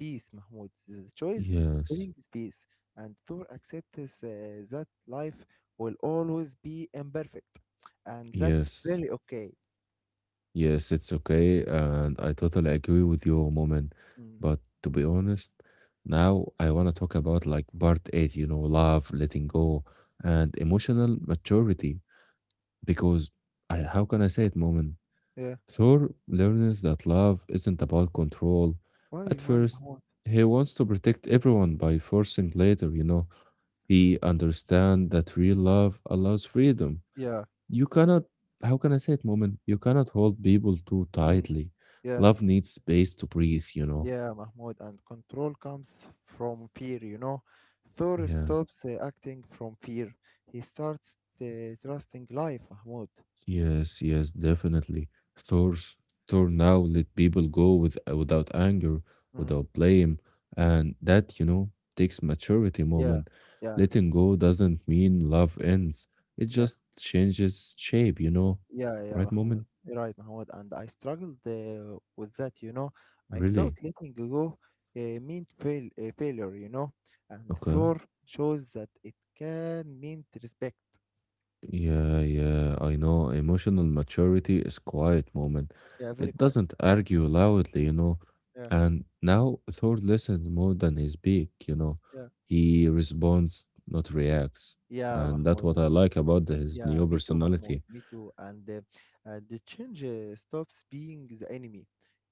S1: peace, Mahmoud. The choice
S2: yes,
S1: brings peace, and Thor accepts that life will always be imperfect, and that's
S2: yes.
S1: very okay.
S2: Yes, it's okay, and I totally agree with you, Moment.
S1: Mm.
S2: But to be honest, now I want to talk about like part eight, you know, love, letting go, and emotional maturity. Because how can I say it, Moment?
S1: Yeah.
S2: Thor learns that love isn't about control.
S1: Why?
S2: At
S1: Why,
S2: first,
S1: Mahmoud?
S2: he wants to protect everyone by forcing later, you know. He understands that real love allows freedom.
S1: Yeah.
S2: You cannot, how can I say it, moment? You cannot hold people too
S1: Mm.
S2: tightly.
S1: Yeah.
S2: Love needs space to breathe, you know.
S1: Yeah, Mahmoud, and control comes from fear, you know. Thor
S2: Yeah,
S1: stops acting from fear. He starts trusting life, Mahmoud.
S2: yes, yes, definitely. Thor's Thor now let people go with without anger,
S1: Mm,
S2: without blame, and that, you know, takes maturity
S1: yeah,
S2: moment.
S1: yeah.
S2: Letting go doesn't mean love ends. It
S1: Yeah.
S2: just changes shape, you know.
S1: Yeah, yeah,
S2: Right
S1: Mahmoud.
S2: moment?
S1: You're right, Mahmoud. And I struggled with that, you know. I thought
S2: Really?
S1: letting go meant failure, you know. And
S2: Okay.
S1: Thor shows that it can mean respect.
S2: Yeah, yeah, I know. Emotional maturity is quiet moment.
S1: Yeah. Very
S2: It
S1: quiet.
S2: doesn't argue loudly, you know.
S1: Yeah.
S2: And now Thor listens more than he speak, you know.
S1: Yeah,
S2: He responds, not reacts.
S1: yeah,
S2: And that's
S1: Mahmoud.
S2: what I like about his
S1: Yeah,
S2: new
S1: me too, Mahmoud.
S2: personality.
S1: Me too. And the change stops being the enemy.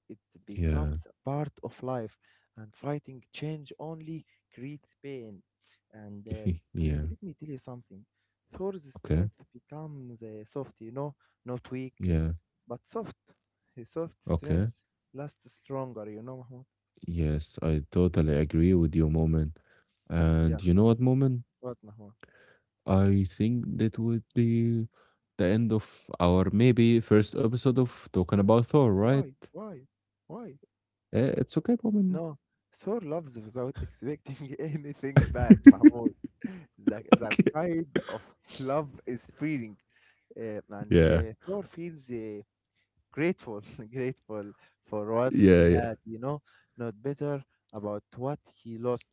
S1: It
S2: Yeah.
S1: becomes a part of life, and fighting change only creates pain. And uh, and
S2: Yeah.
S1: let me tell you something. Thor's
S2: Okay.
S1: strength becomes soft. Not weak,
S2: Yeah.
S1: but soft. His soft
S2: Okay.
S1: strength lasts longer. Mahmoud.
S2: Yes, I totally agree with you, moment.
S1: Yeah.
S2: And you know what, moment?
S1: What, Mahmoud?
S2: I think that would be the end of our maybe first episode of talking about Thor, right?
S1: Why? Why? Why?
S2: It's okay, Bowman.
S1: No, Thor loves without expecting anything back, Mahmoud. That
S2: Okay.
S1: kind of love is freeing, and
S2: Yeah.
S1: Thor feels grateful, grateful for what
S2: Yeah.
S1: he
S2: Yeah.
S1: had, not bitter about what he lost,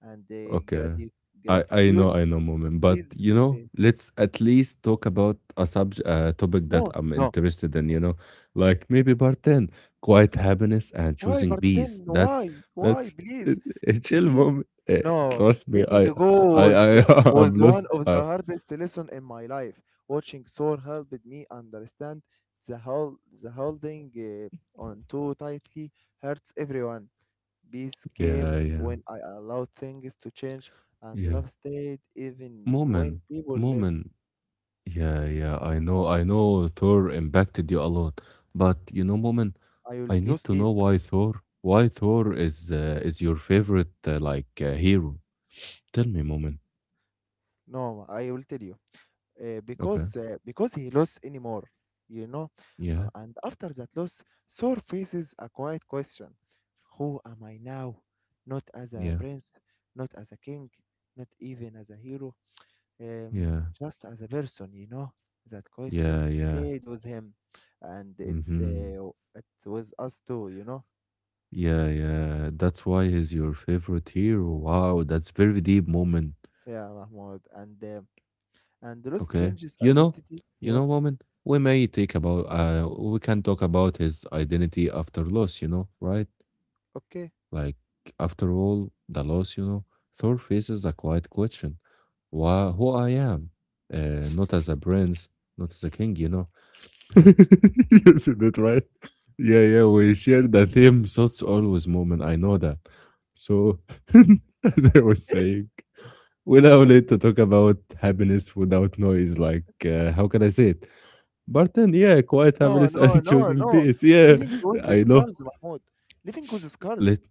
S1: and
S2: Okay.
S1: grati-
S2: I
S1: gratitude
S2: know I know, moment, but
S1: is
S2: you
S1: the
S2: know,
S1: thing.
S2: let's at least talk about a topic that
S1: No,
S2: I'm
S1: no.
S2: interested in, you know, like maybe part 10, quiet happiness and
S1: Why,
S2: choosing peace.
S1: Bartiten?
S2: That's
S1: Why? Why?
S2: that's a,
S1: Please,
S2: a chill
S1: please.
S2: moment.
S1: No,
S2: Trust me,
S1: letting
S2: I
S1: go was
S2: I I I'm
S1: was one
S2: lost.
S1: of the hardest lesson in my life. Watching Thor helped me understand the holding on too tightly hurts everyone. Peace
S2: Yeah,
S1: came
S2: yeah.
S1: when I allowed things to change, and
S2: Yeah.
S1: love stayed even
S2: Moment.
S1: when people left.
S2: Moment. Yeah, yeah, I know Thor impacted you a lot, but you know, Moment,
S1: I will
S2: I
S1: go
S2: need to know
S1: sleep.
S2: why Thor is your favorite like hero. Tell me, Moment.
S1: No, I will tell you. uh,
S2: Okay.
S1: because uh, because he lost anymore, you know. Uh,
S2: Yeah,
S1: and after that loss, Thor faces a quiet question: Who am I now? Not as a
S2: yeah,
S1: prince, not as a king, not even as a hero,
S2: yeah,
S1: just as a person. That question
S2: yeah, yeah.
S1: stayed with him, and it's
S2: Mm-hmm.
S1: uh, it was us too.
S2: Yeah, yeah. That's why he's your favorite hero. Wow, that's very deep, Moment.
S1: Yeah, Mahmoud, and loss
S2: Okay.
S1: changes identity. Yeah,
S2: You
S1: what?
S2: know, Moment. We may take about we can talk about his identity after loss. You know, right?
S1: Okay.
S2: Like, after all, the loss, you know, Thor faces a quiet question. Why, who I am? Not as a prince, not as a king, you know. You said that right? Yeah, yeah, we share the same thoughts always, moment. I know that. So, as I was saying, we now need to talk about happiness without noise. Like, how can I say it? But then, yeah, quiet
S1: No,
S2: happiness
S1: no,
S2: and
S1: no,
S2: choosing
S1: no.
S2: peace. Yeah,
S1: Living with the
S2: I know.
S1: scars, Mahmoud. Living with the scars.
S2: Let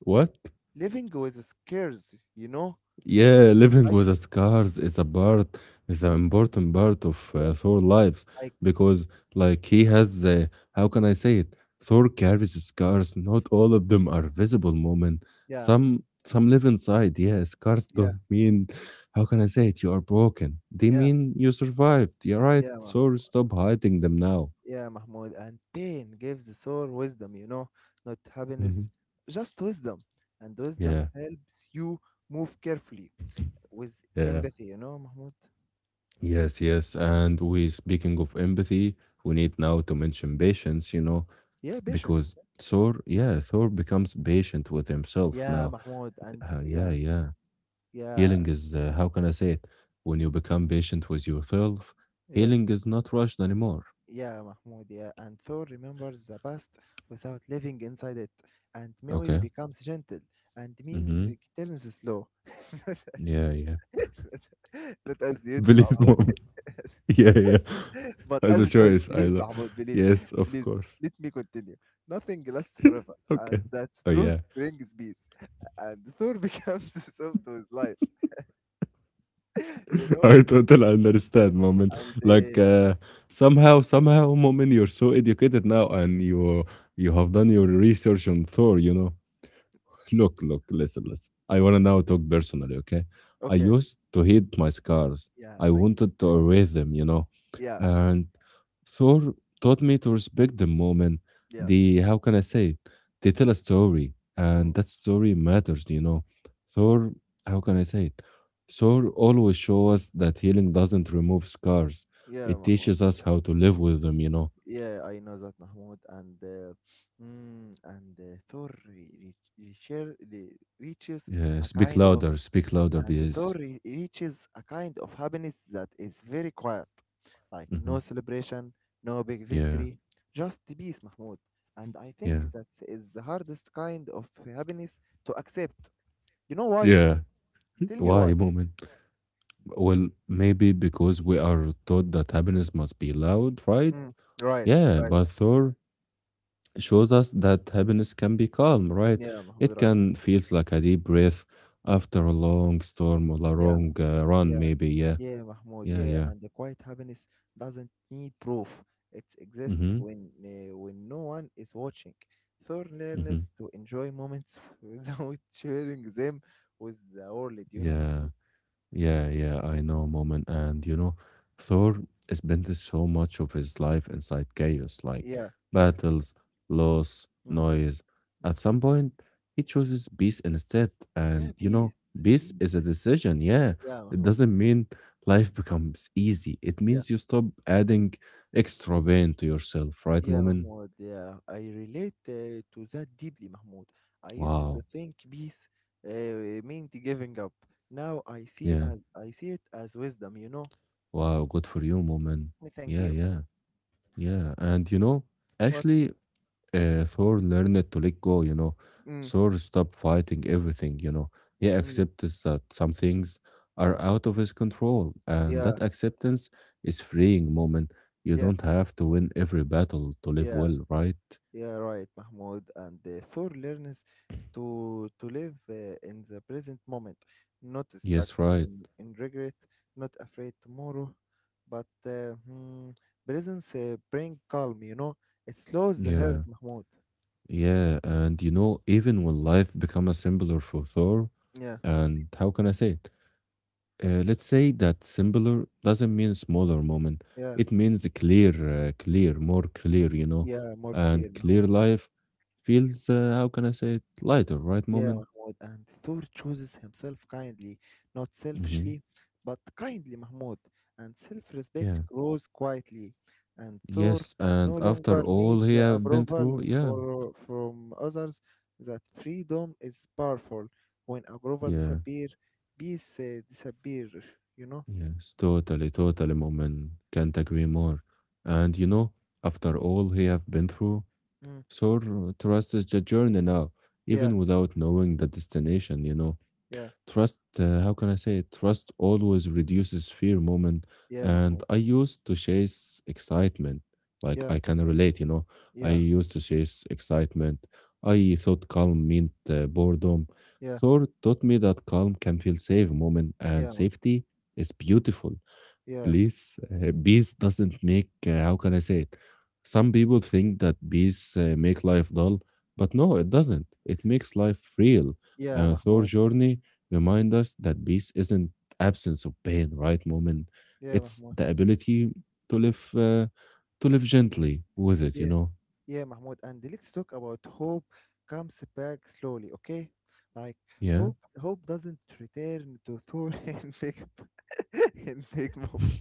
S2: what?
S1: Living with the scars, you know?
S2: Yeah, living
S1: Like,
S2: with the scars is a part, is an important part of
S1: yeah,
S2: Thor's lives
S1: like,
S2: because, like, he has, how can I say it? Thor carries scars. Not all of them are visible, Moment,
S1: yeah,
S2: Some live inside. Yeah, scars
S1: yeah,
S2: don't mean, how can I say it? You are broken. They
S1: yeah,
S2: mean you survived. You're right,
S1: yeah,
S2: Thor. Stop hiding them now.
S1: yeah, Mahmoud. And pain gives the soul wisdom, you know? Not happiness,
S2: Mhm.
S1: just wisdom. And wisdom
S2: Yeah,
S1: helps you move carefully with
S2: yeah.
S1: empathy, you know, Mahmoud?
S2: Yes, yes. And we, speaking of empathy, we need now to mention patience, you know,
S1: Yeah, patience.
S2: because Thor, yeah, Thor becomes patient with himself
S1: Yeah,
S2: now.
S1: Mahmoud, and
S2: Yeah,
S1: yeah,
S2: yeah.
S1: yeah,
S2: Healing is, how can I say it? When you become patient with yourself,
S1: yeah,
S2: healing is not rushed anymore.
S1: yeah, Mahmoud, yeah. And Thor remembers the past without living inside it, and memory
S2: Okay.
S1: becomes gentle, and meaning
S2: Mm-hmm.
S1: returns slow. not,
S2: Yeah, yeah.
S1: as, Not as duty,
S2: Billy's
S1: Mahmoud,
S2: mom. Yeah, yeah.
S1: but
S2: As
S1: as
S2: a
S1: a choice.
S2: choice, I
S1: Please,
S2: love.
S1: Mahmoud, please,
S2: Yes, of
S1: please,
S2: course.
S1: let me continue. Nothing lasts forever,
S2: Okay.
S1: and that
S2: Oh, yeah.
S1: truth brings peace. And Thor becomes soft with life, you know?
S2: I totally understand, Momin.
S1: And
S2: Like
S1: uh,
S2: somehow, somehow, Momin, you're so educated now, and you have done your research on Thor. You know, look, look, listen, listen. I wanna now talk personally, okay? I
S1: okay,
S2: used to hate my scars.
S1: yeah,
S2: I
S1: thank you.
S2: wanted to erase them, you know.
S1: Yeah.
S2: And Thor taught me to respect the moment,
S1: Yeah.
S2: the how can I say it? They tell a story, and
S1: Mm.
S2: that story matters, you know. Thor, how can I say it? Thor always shows us that healing doesn't remove scars.
S1: Yeah,
S2: It
S1: Mahmoud.
S2: teaches us how to live with them, you know.
S1: Yeah, I know that, Mahmoud, and Thor re- reach- reacher- re- reaches
S2: Yeah,
S1: a kind of
S2: speak louder,
S1: and Thor
S2: please.
S1: re- reaches a kind of happiness that is very quiet, like
S2: Hmm.
S1: no celebration, no big
S2: Yeah,
S1: victory, just peace, Mahmoud. And I think
S2: yeah,
S1: that is the hardest kind of happiness to accept. You know why?
S2: yeah.
S1: Tell me
S2: Why,
S1: why.
S2: moment? Well, maybe because we are taught that happiness must be loud, right?
S1: Mm. Right,
S2: Yeah,
S1: right.
S2: but Thor shows us that happiness can be calm, right?
S1: Yeah, Mahmoud.
S2: It
S1: Right.
S2: can feels like a deep breath after a long storm or a
S1: Yeah.
S2: long run,
S1: Yeah.
S2: maybe. Yeah,
S1: Yeah, Mahmoud,
S2: yeah,
S1: yeah,
S2: yeah.
S1: and the quiet happiness doesn't need proof. It exists
S2: Mm-hmm.
S1: when no one is watching. Thor
S2: Mm-hmm.
S1: learns to enjoy moments without sharing them with the world. You know,
S2: Yeah.
S1: Mahmoud?
S2: Yeah, yeah, I know, moment. And you know, Thor spent so much of his life inside chaos, like
S1: Yeah, chaos.
S2: battles, loss,
S1: Mm.
S2: noise. At
S1: Mm.
S2: some point, he chooses peace instead. And
S1: Yeah,
S2: you know,
S1: peace,
S2: peace is a
S1: peace.
S2: decision. Yeah,
S1: Yeah,
S2: it
S1: Mahmoud.
S2: doesn't mean life becomes easy. It
S1: Yeah,
S2: means you stop adding extra pain to yourself, right,
S1: yeah,
S2: moment?
S1: Mahmoud. Yeah, I relate to that deeply, Mahmoud. I used to
S2: Wow.
S1: think peace meant giving up. Now I see
S2: Yeah.
S1: as I see it as wisdom. You know.
S2: Wow. Good for you, moment.
S1: Mm, thank
S2: Yeah,
S1: you.
S2: yeah, yeah. And you know,
S1: What?
S2: actually, Thor learned to let go, you know.
S1: Mm,
S2: Thor stopped fighting everything, you know. He
S1: mm,
S2: accepts that some things are out of his control, and
S1: yeah,
S2: that acceptance is freeing moment. You
S1: yeah,
S2: don't have to win every battle to live
S1: yeah,
S2: well, right?
S1: yeah. Right, Mahmoud. And Thor learns to live in the present moment, not stuck
S2: Yes, right.
S1: in regret, not afraid tomorrow, but presence bring calm. It slows the heart,
S2: Yeah,
S1: Mahmoud.
S2: yeah. And you know, even when life becomes simpler for Thor,
S1: Yeah,
S2: and how can I say it? Let's say that simpler doesn't mean smaller moment.
S1: yeah,
S2: It means a clear, more clear, you know.
S1: yeah. More
S2: And
S1: clear,
S2: clear
S1: Mahmoud.
S2: life feels, how can I say it, lighter, right?
S1: Yeah,
S2: Moment.
S1: Mahmoud. And Thor chooses himself kindly, not
S2: Hmm.
S1: selfishly, but kindly, Mahmoud. And self respect
S2: Yeah.
S1: grows quietly. And Thor
S2: Yes. And
S1: no
S2: after
S1: longer
S2: all
S1: needs
S2: he
S1: the
S2: have been
S1: approval
S2: through, yeah,
S1: from others. That freedom is powerful. When approval
S2: yeah,
S1: disappear, peace disappear, you know?
S2: yes, totally, totally. Moment. Can't agree more. And you know, after all he have been through,
S1: Mm.
S2: so trust is the journey now,
S1: Yeah,
S2: even without knowing the destination, you know.
S1: yeah,
S2: Trust, how can I say it? Trust always reduces fear moment.
S1: yeah,
S2: And
S1: Mahmoud.
S2: I used to chase excitement. Like
S1: Yeah,
S2: I can relate, you know. I
S1: yeah,
S2: used to chase excitement. I thought calm meant boredom.
S1: yeah,
S2: Thor taught me that calm can feel safe moment and
S1: yeah,
S2: safety is beautiful
S1: yeah,
S2: please. Peace doesn't make, how can I say it? Some people think that peace make life dull, but no, it doesn't. It makes life real.
S1: yeah,
S2: Thor
S1: Mahmoud.
S2: journey remind us that peace isn't absence of pain, right, Moment,
S1: Yeah,
S2: It's
S1: Mahmoud.
S2: the ability to live, uh, to live gently with it. You
S1: Yeah.
S2: know,
S1: Yeah, Mahmoud, and let's talk about hope comes back slowly, okay? Like
S2: yeah.
S1: hope doesn't return to Thor in big in big moment.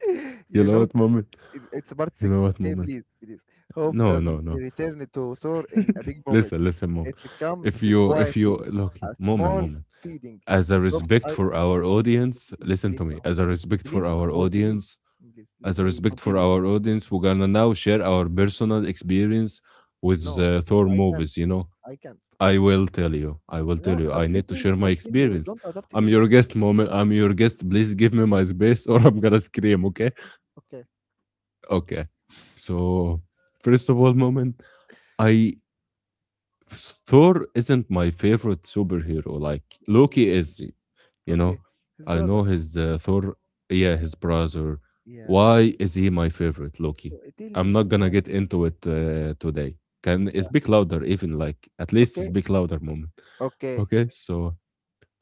S2: You
S1: You
S2: know
S1: know,
S2: what, moment?
S1: it's part
S2: You know
S1: six,
S2: what,
S1: okay?
S2: moment?
S1: Please, please. Hope
S2: No, no,
S1: doesn't
S2: no.
S1: return to Thor in a big moment.
S2: Listen, listen, mom.
S1: It comes
S2: If you
S1: quietly,
S2: look, no,
S1: a
S2: moment,
S1: small
S2: moment.
S1: feeding,
S2: As a
S1: a soft
S2: respect
S1: eye.
S2: for our audience,
S1: Please,
S2: listen to
S1: please,
S2: me,
S1: Mahmoud,
S2: as a respect for
S1: please,
S2: our
S1: Mahmoud, please,
S2: audience,
S1: please.
S2: as
S1: Let
S2: a
S1: me
S2: respect for
S1: continue.
S2: our audience, we're gonna now share our personal experience with
S1: No,
S2: the Thor
S1: I can't.
S2: movies, you know.
S1: I can't.
S2: I will tell you, I will
S1: No,
S2: tell you,
S1: طب
S2: I need
S1: let
S2: to
S1: me
S2: share my
S1: continue.
S2: experience.
S1: Don't adopt
S2: I'm
S1: me.
S2: your guest, moment. I'm your guest. Please give me my space or I'm gonna scream, okay?
S1: Okay,
S2: Okay. So, first of all, moment, I Thor isn't my favorite superhero. Like Loki is. You know
S1: okay. His
S2: I know
S1: brother.
S2: his Thor, yeah, his brother. Why
S1: Yeah.
S2: is he my favorite Loki?
S1: Oh, tell
S2: I'm
S1: me
S2: not
S1: why.
S2: gonna get into it today. Can
S1: Yeah.
S2: speak louder even, like, at least
S1: Okay.
S2: speak louder moment.
S1: Okay.
S2: Okay, so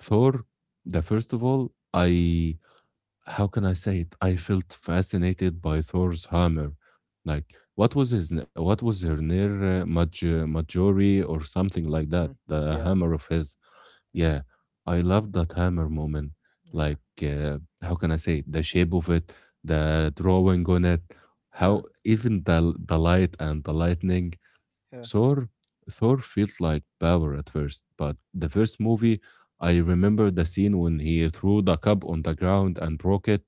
S2: Thor, the first of all, I, how can I say it, I felt fascinated by Thor's hammer. Like, what was his what was her near, Maj- majori or something like that,
S1: Mm.
S2: the
S1: Yeah.
S2: hammer of his.
S1: Mm.
S2: Yeah, I love that hammer moment.
S1: Yeah.
S2: Like, how can I say it? The shape of it, the drawing on it, how
S1: Yeah.
S2: even the light and the lightning.
S1: Yeah.
S2: Thor, Thor feels like power at first, but the first movie, I remember the scene when he threw the cup on the ground and broke it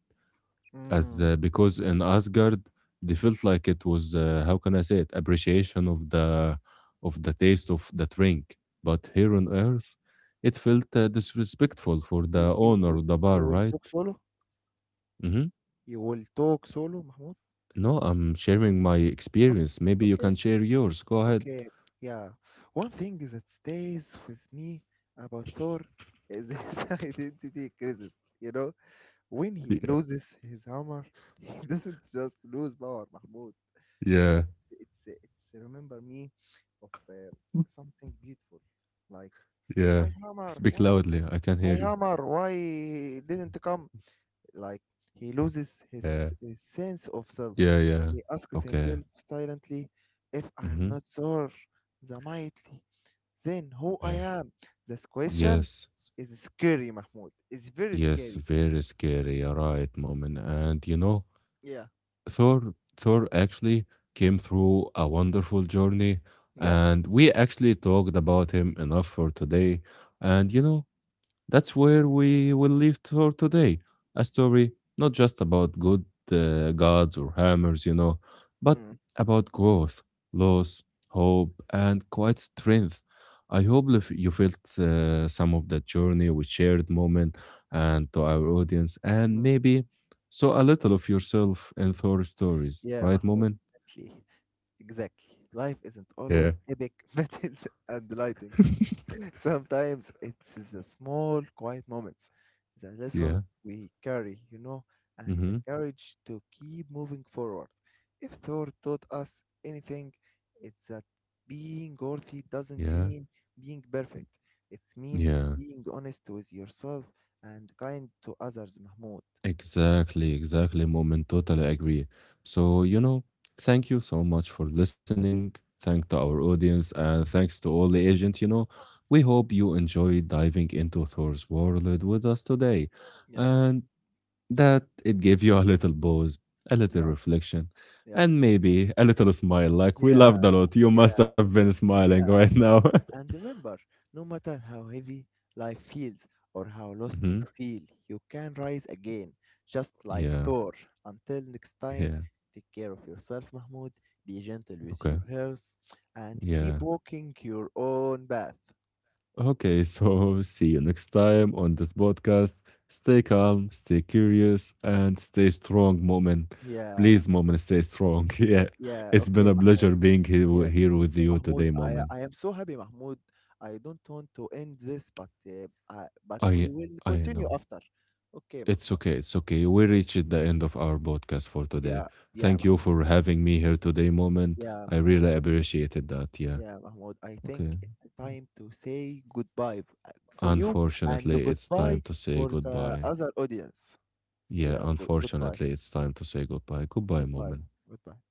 S2: as
S1: Mm.
S2: because in Asgard they felt like it was how can I say it, appreciation of the taste of the drink, but here on Earth it felt disrespectful for the
S1: You you
S2: owner of
S1: we-
S2: the bar,
S1: you will
S2: right?
S1: talk solo.
S2: Hmm.
S1: You will talk solo, Mahmoud.
S2: No, I'm sharing my
S1: Okay.
S2: experience. Maybe you
S1: Okay.
S2: can share yours. Go ahead.
S1: Okay. Yeah. One thing that stays with me about Thor is his identity crisis. You know, when he
S2: Yeah,
S1: loses his hammer, he doesn't just lose power, Mahmoud. Yeah,
S2: yeah,
S1: it's remember me of something beautiful. Like,
S2: yeah.
S1: my hammer
S2: Speak
S1: why is it-
S2: loudly. I can hear
S1: my
S2: you.
S1: hammer why didn't come. Like, he loses
S2: Yeah,
S1: his sense of self.
S2: yeah, yeah.
S1: He asks
S2: Okay.
S1: himself silently, if I am
S2: Mm-hmm.
S1: not sure the mightly then who I
S2: Yeah.
S1: am. This question
S2: Yes.
S1: is scary, Mahmoud. It's very
S2: Yes,
S1: scary.
S2: very scary. All right, moment. And you know,
S1: Yeah,
S2: Thor actually came through a wonderful journey,
S1: yeah.
S2: and we actually talked about him enough for today. And you know, that's where we will leave for today. A story not just about good gods or hammers, you know, but
S1: Mm,
S2: about growth, loss, hope, and quite strength. I hope if you felt some of that journey we shared moment and to our audience, and
S1: mm.
S2: maybe saw a little of yourself in Thor stories,
S1: Yeah,
S2: right,
S1: Mahmoud.
S2: moment?
S1: Exactly. Life isn't
S2: Yeah.
S1: always epic battles and lighting. Sometimes it's the small, quiet moments, the
S2: Yeah.
S1: lessons we carry, and the
S2: Mm-hmm.
S1: courage to keep moving forward. If Thor taught us anything, it's that being worthy doesn't
S2: Yeah.
S1: mean being perfect. It means
S2: Yeah.
S1: being honest with yourself and kind to others, Mahmoud.
S2: Exactly, exactly, Moment. Totally agree. So, you know, thank you so much for listening. Thank to our audience and thanks to all the agent, you know. We hope you enjoyed diving into Thor's world with us today
S1: Yeah,
S2: and that it gave you a little pause, a little
S1: yeah,
S2: reflection,
S1: yeah,
S2: and maybe a little smile like we
S1: yeah,
S2: laughed a lot. You must
S1: yeah,
S2: have been smiling right
S1: yeah.
S2: now.
S1: And remember, no matter how heavy life feels or how lost you
S2: Hmm.
S1: feel, you can rise again, just like
S2: Yeah.
S1: Thor. Until next time,
S2: Yeah.
S1: take care of yourself, Mahmoud. Be gentle with
S2: Okay.
S1: your health and
S2: Yeah.
S1: keep walking your own path.
S2: Okay, so see you next time on this podcast. Stay calm, stay curious, and stay strong, Moment,
S1: Yeah,
S2: Please, Moment, stay strong. Yeah,
S1: yeah,
S2: it's been
S1: okay,
S2: a
S1: Mahmoud.
S2: pleasure being here,
S1: Yeah,
S2: here
S1: me
S2: with
S1: too,
S2: you today,
S1: Mahmoud. I,
S2: Moment.
S1: I am so happy, Mahmoud. I don't want to end this, but
S2: I,
S1: we will
S2: I
S1: continue
S2: know.
S1: after. Okay,
S2: It's
S1: Mahmoud.
S2: okay, it's okay. We reached the end of our podcast for today.
S1: Yeah, yeah,
S2: Thank you for having me here today, Moment.
S1: Yeah,
S2: I
S1: Mahmoud.
S2: really appreciated that. Yeah.
S1: Yeah, Mahmoud, I think
S2: Okay.
S1: it's time to say goodbye for you and
S2: Unfortunately, it's
S1: goodbye
S2: time to say
S1: for the
S2: goodbye.
S1: other audience.
S2: Yeah,
S1: Yeah, goodbye.
S2: unfortunately, it's time to say goodbye. Goodbye,
S1: Goodbye.
S2: Moment.
S1: Goodbye.